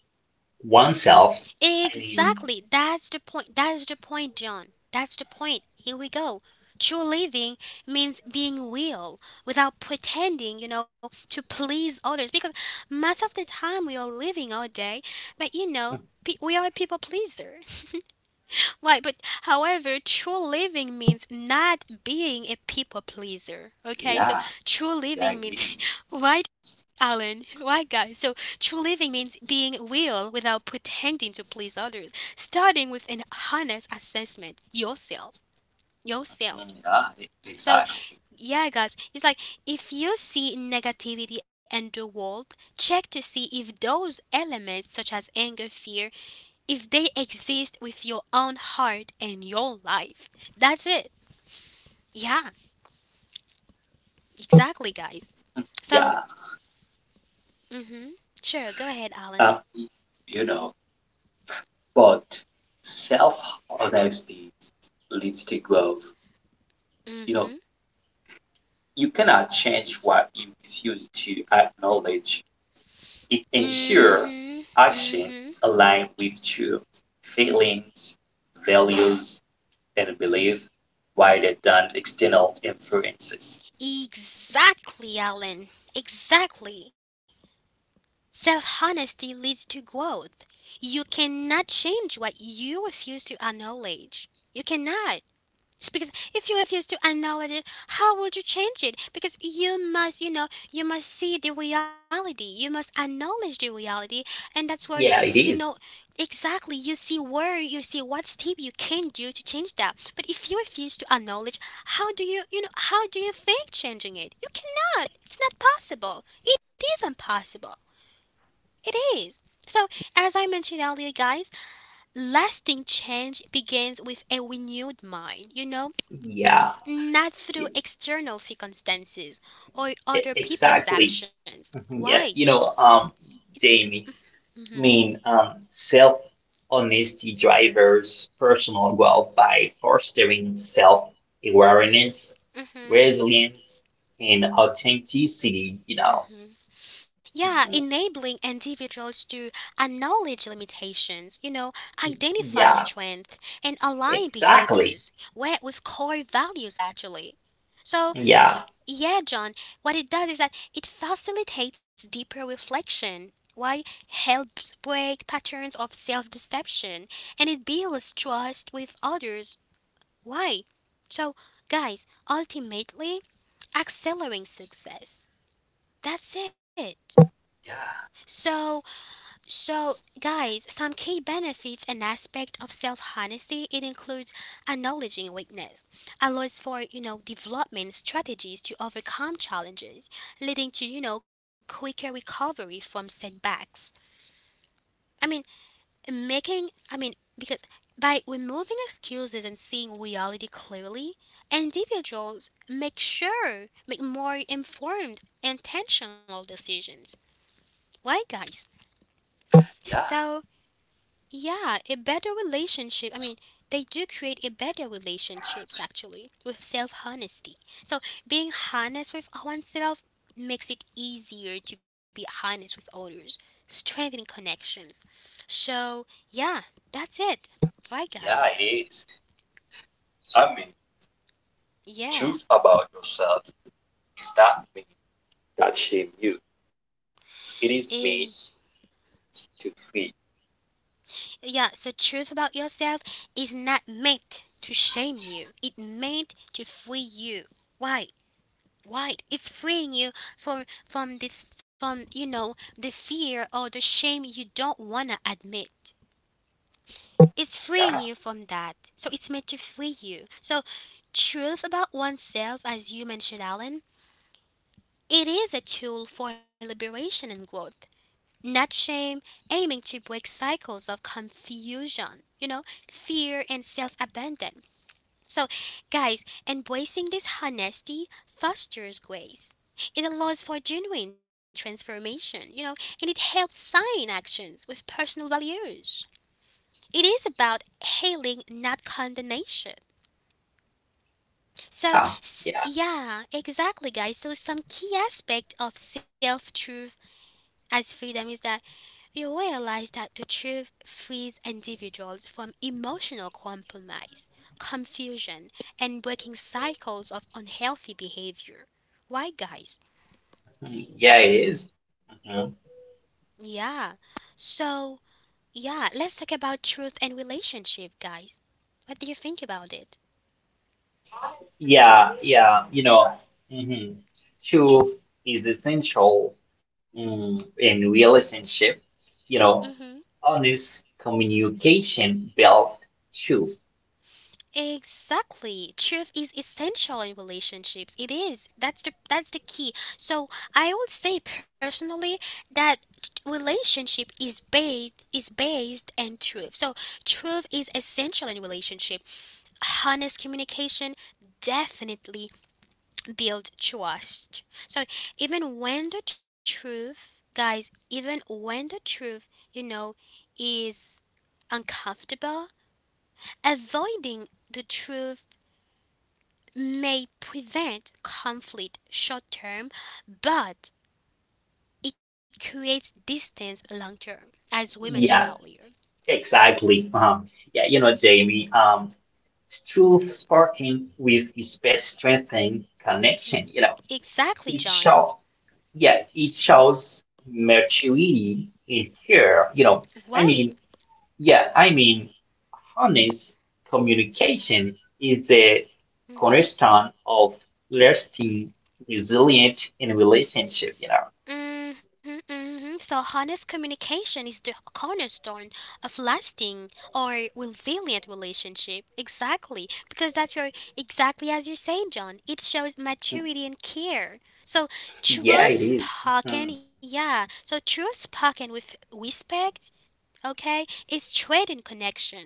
Speaker 2: oneself. I mean,
Speaker 1: Exactly. That's the point. That is the point, John. That's the point. Here we go. True living means being real without pretending, you know, to please others. Because most of the time we are living all day, but you know, pe- we are a people pleaser. Right, but however, true living means not being a people pleaser. Okay, so
Speaker 3: yeah,
Speaker 1: true
Speaker 3: yeah, it
Speaker 1: living means,
Speaker 3: is.
Speaker 1: right, Alan? Right, guys? So true living means being real without pretending to please others, starting with an honest assessment yourself.
Speaker 3: Mm,
Speaker 1: Yourself.
Speaker 3: yeah, e-
Speaker 1: So,
Speaker 3: exactly.
Speaker 1: yeah, guys, it's like if you see negativity in the world, check to see if those elements, such as anger, fear, if they exist with your own heart and your life. That's it. Yeah, exactly, guys. So,
Speaker 3: Yeah,
Speaker 1: mm-hmm. Sure, go ahead, Alan.
Speaker 3: um, you know, but self honesty leads to growth. You know,
Speaker 1: Mm-hmm.
Speaker 3: you cannot change what you refuse to acknowledge. It
Speaker 1: Mm-hmm.
Speaker 3: ensures
Speaker 1: Mm-hmm.
Speaker 3: action aligned with true feelings, values, and belief rather than external influences.
Speaker 1: Exactly, Alan. Exactly. Self-honesty leads to growth. You cannot change what you refuse to acknowledge. You cannot. It's because if you refuse to acknowledge it, how would you change it? Because you must, you know, you must see the reality. You must acknowledge the reality, and that's where
Speaker 2: yeah,
Speaker 1: you
Speaker 2: it
Speaker 1: know
Speaker 2: is.
Speaker 1: exactly. You see where you see what step you can do to change that. But if you refuse to acknowledge, how do you, you know, how do you fake changing it? You cannot. It's not possible. It is impossible. It is. So, as I mentioned earlier, guys, lasting change begins with a renewed mind. You know,
Speaker 2: Yeah,
Speaker 1: not through
Speaker 2: e-
Speaker 1: external circumstances or
Speaker 2: e-
Speaker 1: other people's
Speaker 2: exactly.
Speaker 1: actions.
Speaker 2: Mhm, yeah,
Speaker 1: Right.
Speaker 2: you know, um,
Speaker 1: It's,
Speaker 2: Jamie. I mean, um, self-honesty drives personal growth by fostering self-awareness,
Speaker 1: mhm.
Speaker 2: resilience, and authenticity, you know.
Speaker 1: Yeah,
Speaker 2: Mhm.
Speaker 1: enabling individuals to acknowledge limitations, you know, identify
Speaker 2: Yeah,
Speaker 1: strengths and align
Speaker 2: exactly.
Speaker 1: behaviors where with core values actually. So,
Speaker 2: Yeah,
Speaker 1: yeah, John, what it does is that it facilitates deeper reflection. Why helps break patterns of self deception, and it builds trust with others. Why? So, guys, ultimately, accelerating success. That's it. So, so guys, some key benefits and aspect of self-honesty it includes acknowledging weakness, allows for you know development strategies to overcome challenges, leading to you know quicker recovery from setbacks. I mean, making I mean because by removing excuses and seeing reality clearly, individuals make sure make more informed intentional decisions, right guys?
Speaker 3: Yeah,
Speaker 1: So yeah, a better relationship. I mean, they do create a better relationships actually with self honesty. So being honest with oneself makes it easier to be honest with others, strengthening connections. So yeah, that's it. Right, guys?
Speaker 3: yeah, it is. I mean,
Speaker 1: Yeah.
Speaker 3: truth about yourself is not me that shame you. It is
Speaker 1: Eh,
Speaker 3: me to free.
Speaker 1: yeah. So truth about yourself is not meant to shame you. It meant to free you. Why? Right. It's freeing you from from the from you know the fear or the shame you don't wanna admit. It's freeing
Speaker 3: Yeah,
Speaker 1: you from that. So it's meant to free you. So truth about oneself, as you mentioned, Alan, it is a tool for liberation and growth. Not shame, aiming to break cycles of confusion, you know, fear and self abandon. So, guys, embracing this honesty fosters grace. It allows for genuine transformation, you know, and it helps sign actions with personal values. It is about healing, not condemnation. So,
Speaker 2: yeah,
Speaker 1: s-
Speaker 2: yeah.
Speaker 1: yeah, exactly, guys. So, some key aspect of self-truth as freedom is that you realize that the truth frees individuals from emotional compromise, confusion, and breaking cycles of unhealthy behavior. Why, guys?
Speaker 2: Mhm. Yeah, it is. Mhm.
Speaker 1: Yeah. So, yeah, let's talk about truth and relationship, guys. What do you think about it?
Speaker 2: Yeah, yeah. you know, hmm Truth is essential mm, in relationship, you
Speaker 1: Mm hmm.
Speaker 2: know, honest communication built truth.
Speaker 1: Exactly. Truth is essential in relationships. It is. That's the that's the key. So I would say personally that relationship is based is based on truth. So truth is essential in relationship. Honest communication definitely builds trust. So even when the truth, guys, even when the truth, you know, is uncomfortable, avoiding the truth may prevent conflict short term, but it creates distance long term, as we mentioned
Speaker 2: Yeah,
Speaker 1: earlier.
Speaker 2: exactly. Uh-huh. Yeah, you know, Jamie, um, truth sparking with respect strengthening
Speaker 1: Hmm.
Speaker 2: connection. You know,
Speaker 1: Exactly,
Speaker 2: it
Speaker 1: John.
Speaker 2: shows, yeah, it shows maturity in care. You know, I
Speaker 1: Right.
Speaker 2: mean, yeah, I mean, honest communication is the
Speaker 1: Hmm.
Speaker 2: cornerstone of lasting, resilient in relationship. You know.
Speaker 1: Hmm. Hmm. So, honest communication is the cornerstone of lasting or resilient relationship. Exactly, because that's your exactly as you're saying, John. It shows maturity and care. So,
Speaker 2: Yeah,
Speaker 1: truth
Speaker 2: it is.
Speaker 1: spoken,
Speaker 2: Mhm.
Speaker 1: yeah. So, truth spoken with respect, okay? It's trading connection.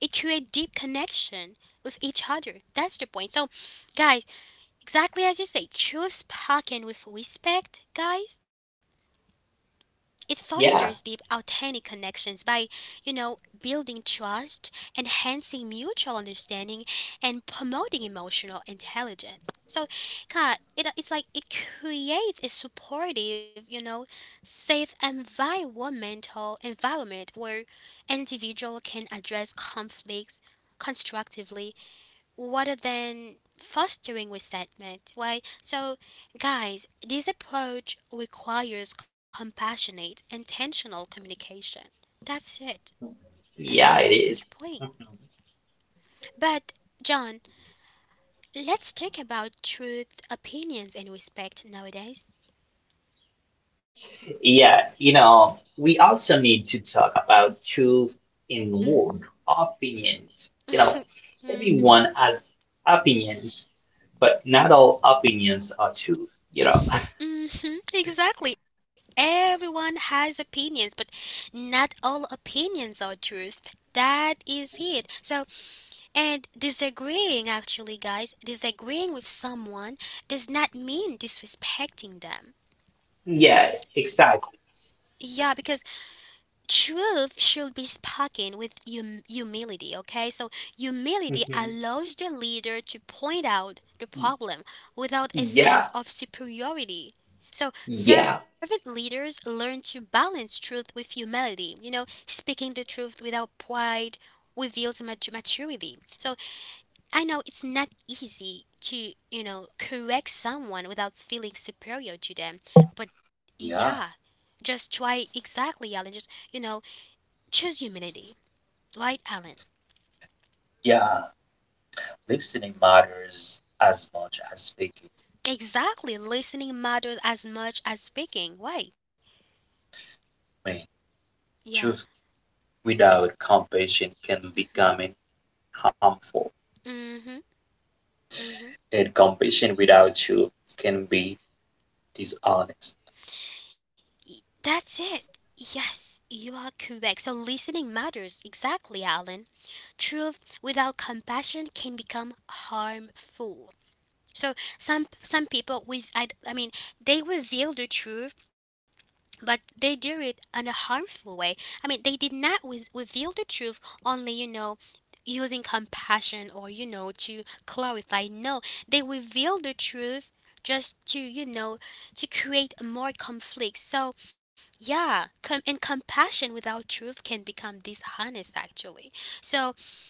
Speaker 1: It creates deep connection with each other. That's the point. So, guys, exactly as you say, choose parking with respect, guys. It fosters deep,
Speaker 2: Yeah,
Speaker 1: authentic connections by, you know, building trust, enhancing mutual understanding, and promoting emotional intelligence. So, Kat, it, it's like it creates a supportive, you know, safe environmental environment where individual can address conflicts constructively rather than fostering resentment. Why? So, guys, this approach requires compassionate, intentional communication. That's it. That's
Speaker 2: yeah, it
Speaker 1: that's the
Speaker 2: is.
Speaker 1: point.
Speaker 2: Mhm.
Speaker 1: But John, let's talk about truth, opinions, and respect nowadays.
Speaker 2: Yeah, you know, we also need to talk about truth in word opinions. You know,
Speaker 1: Mm-hmm.
Speaker 2: everyone has opinions, but not all opinions are truth, you know.
Speaker 1: Mm-hmm. Exactly. Everyone has opinions, but not all opinions are truth. That is it. So, and disagreeing, actually, guys, disagreeing with someone does not mean disrespecting them.
Speaker 2: Yeah, exactly.
Speaker 1: Yeah, because truth should be spoken with hum- humility, okay? So, humility
Speaker 2: Mhm.
Speaker 1: allows the leader to point out the problem without a
Speaker 2: Yeah,
Speaker 1: sense of superiority. So,
Speaker 2: yeah,
Speaker 1: servant leaders learn to balance truth with humility. You know, speaking the truth without pride reveals mat- maturity. So, I know it's not easy to, you know, correct someone without feeling superior to them, but yeah,
Speaker 3: Yeah,
Speaker 1: just try exactly, Alan. Just, you know, choose humility, right, Alan?
Speaker 3: yeah. Listening matters as much as speaking.
Speaker 1: Exactly, listening matters as much as speaking, right?
Speaker 3: I mean,
Speaker 1: Yeah.
Speaker 3: truth without compassion can
Speaker 1: Mhm.
Speaker 3: become harmful.
Speaker 1: Mhm. Mhm.
Speaker 3: And compassion without you can be dishonest.
Speaker 1: Y- That's it. Yes, you are correct. So listening matters exactly, Alan. Truth without compassion can become harmful. So some some people with I, I mean they reveal the truth, but they do it in a harmful way. I mean they did not with, reveal the truth only you know using compassion or you know to clarify. No, they reveal the truth just to you know to create more conflict. So yeah, com- and compassion without truth can become dishonest actually. So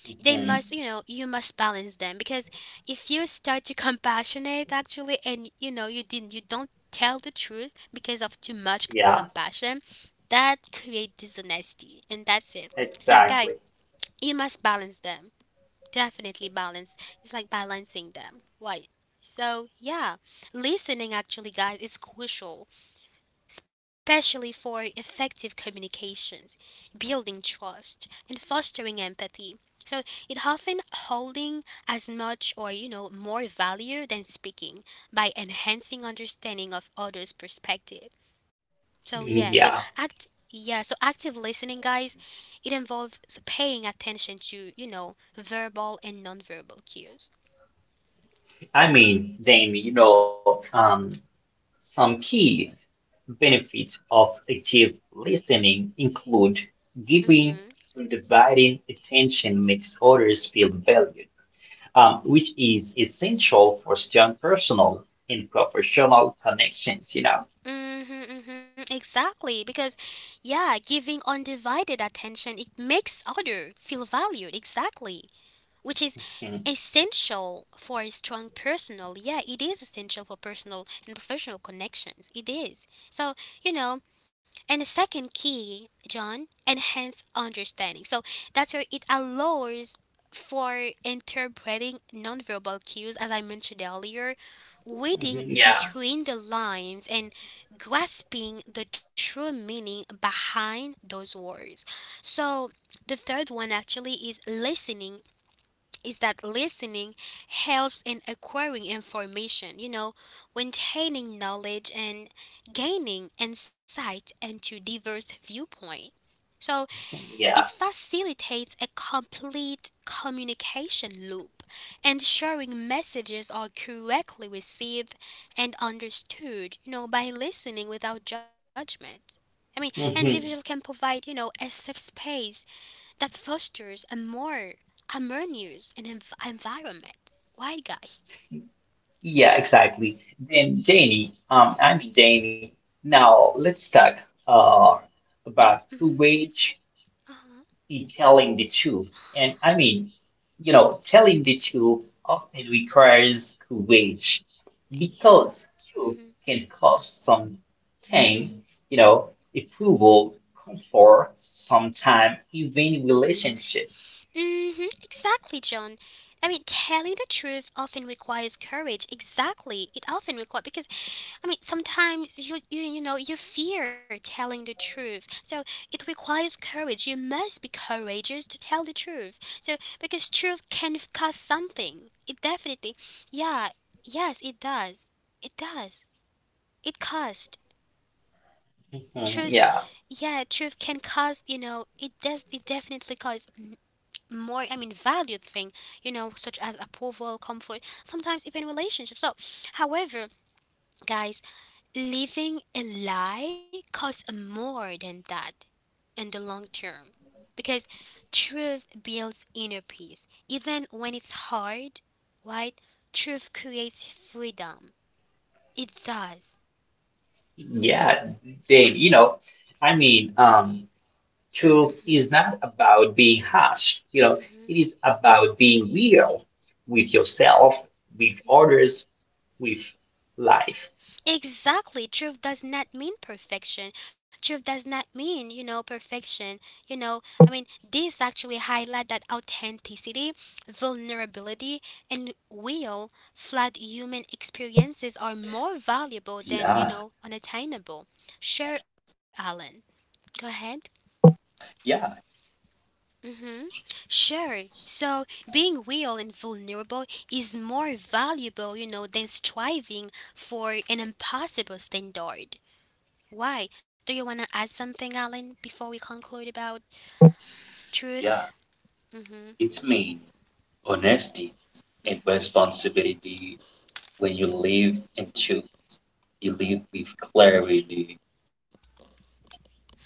Speaker 1: they
Speaker 2: mhm,
Speaker 1: must you know you must balance them because if you start to compassionate actually and you know you didn't you don't tell the truth because of too much
Speaker 2: yeah,
Speaker 1: compassion, that create dishonesty, and that's it. So guy,
Speaker 2: exactly.
Speaker 1: you must balance them, definitely balance, it's like balancing them, right? So yeah, listening actually guys is crucial, especially for effective communications, building trust, and fostering empathy. So it often holding as much or you know more value than speaking by enhancing understanding of others' perspective. So yeah, so
Speaker 2: Yeah,
Speaker 1: act yeah, so active listening guys, it involves paying attention to, you know, verbal and nonverbal cues.
Speaker 2: I mean, Damien, you know, um, some key benefits of active listening include giving
Speaker 1: Mhm.
Speaker 2: undivided attention makes others feel valued, um, which is essential for strong personal and professional connections, you know.
Speaker 1: Mm-hmm, hmm exactly. Because, yeah, giving undivided attention, it makes other feel valued. Exactly. Which is
Speaker 2: Mhm.
Speaker 1: essential for a strong personal, yeah it is essential for personal and professional connections, it is. So you know and the second key John, enhance understanding. So that's where it allows for interpreting nonverbal cues as I mentioned earlier, reading
Speaker 2: Mhm. Yeah,
Speaker 1: between the lines and grasping the true meaning behind those words. So the third one actually is listening is that listening helps in acquiring information, you know, maintaining knowledge and gaining insight into diverse viewpoints. So it
Speaker 2: yeah.
Speaker 1: facilitates a complete communication loop, ensuring messages are correctly received and understood, you know, by listening without judgment. I mean, individuals can
Speaker 2: Mhm.
Speaker 1: provide, you know, a safe space that fosters a more harmonious and env- environment. Why, guys?
Speaker 2: Yeah, exactly. Then Jamie, um, I
Speaker 1: Mm-hmm.
Speaker 2: mean, Jamie. Now let's talk uh,
Speaker 1: Uh,
Speaker 2: about
Speaker 1: mm-hmm.
Speaker 2: courage
Speaker 1: Uh-huh.
Speaker 2: in telling the truth. And I mean, you know, telling the truth often requires courage
Speaker 1: Yeah.
Speaker 2: because truth
Speaker 1: Mm-hmm.
Speaker 2: can cost some time, you know, approval, comfort, sometime even relationships.
Speaker 1: Mm-hmm. Exactly, John. I mean, telling the truth often requires courage. Exactly. It often requires, because I mean, sometimes you, you you know you fear telling the truth, so it requires courage. You must be courageous to tell the truth. So because truth can cost something. It definitely, yeah, yes, it does. It does. It cost truth.
Speaker 2: Mhm, yeah,
Speaker 1: Yeah, truth can cost. You know, it does. It definitely costs m- more. I mean, valued thing. You know, such as approval, comfort. Sometimes even relationships. So, however, guys, living a lie costs more than that in the long term because truth builds inner peace. Even when it's hard, right? Truth creates freedom. It does.
Speaker 2: yeah, Dave. you know, I mean, um, truth is not about being harsh, you know, it is about being real with yourself, with others, with life.
Speaker 1: Exactly. Truth does not mean perfection. Truth does not mean, you know, perfection. You know, I mean, this actually highlight that authenticity, vulnerability, and will flat human experiences are more valuable than, you
Speaker 3: Yeah,
Speaker 1: know, unattainable. Sure, Alan. Go ahead.
Speaker 3: yeah,
Speaker 1: Sure. So being real and vulnerable is more valuable, you know, than striving for an impossible standard. Why? Do you want to add something, Alan, before we conclude about truth?
Speaker 3: yeah. It's mean honesty and responsibility when you live and you, you live with clarity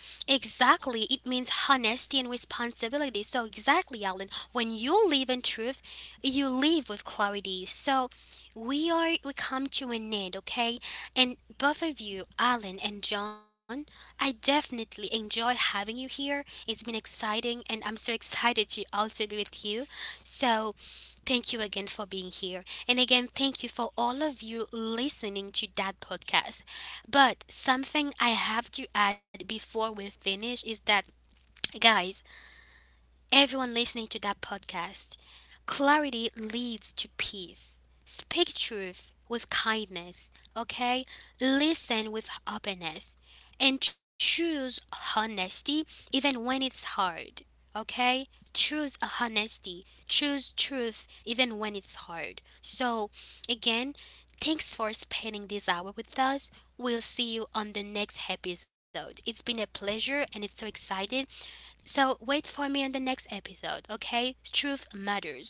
Speaker 1: Exactly. It means honesty and responsibility. So, exactly, Alan, when you live in truth, you live with clarity. So, we are we come to an end, okay? And both of you, Alan and John, I definitely enjoy having you here. It's been exciting and I'm so excited to also be with you. So, thank you again for being here. And again, thank you for all of you listening to that podcast. But something I have to add before we finish is that, guys, everyone listening to that podcast, clarity leads to peace. Speak truth with kindness, okay? Listen with openness and choose honesty even when it's hard, okay? Choose honesty, choose truth even when it's hard. So, again, thanks for spending this hour with us. We'll see you on the next episode. It's been a pleasure and it's so excited. So, wait for me on the next episode, okay? Truth matters.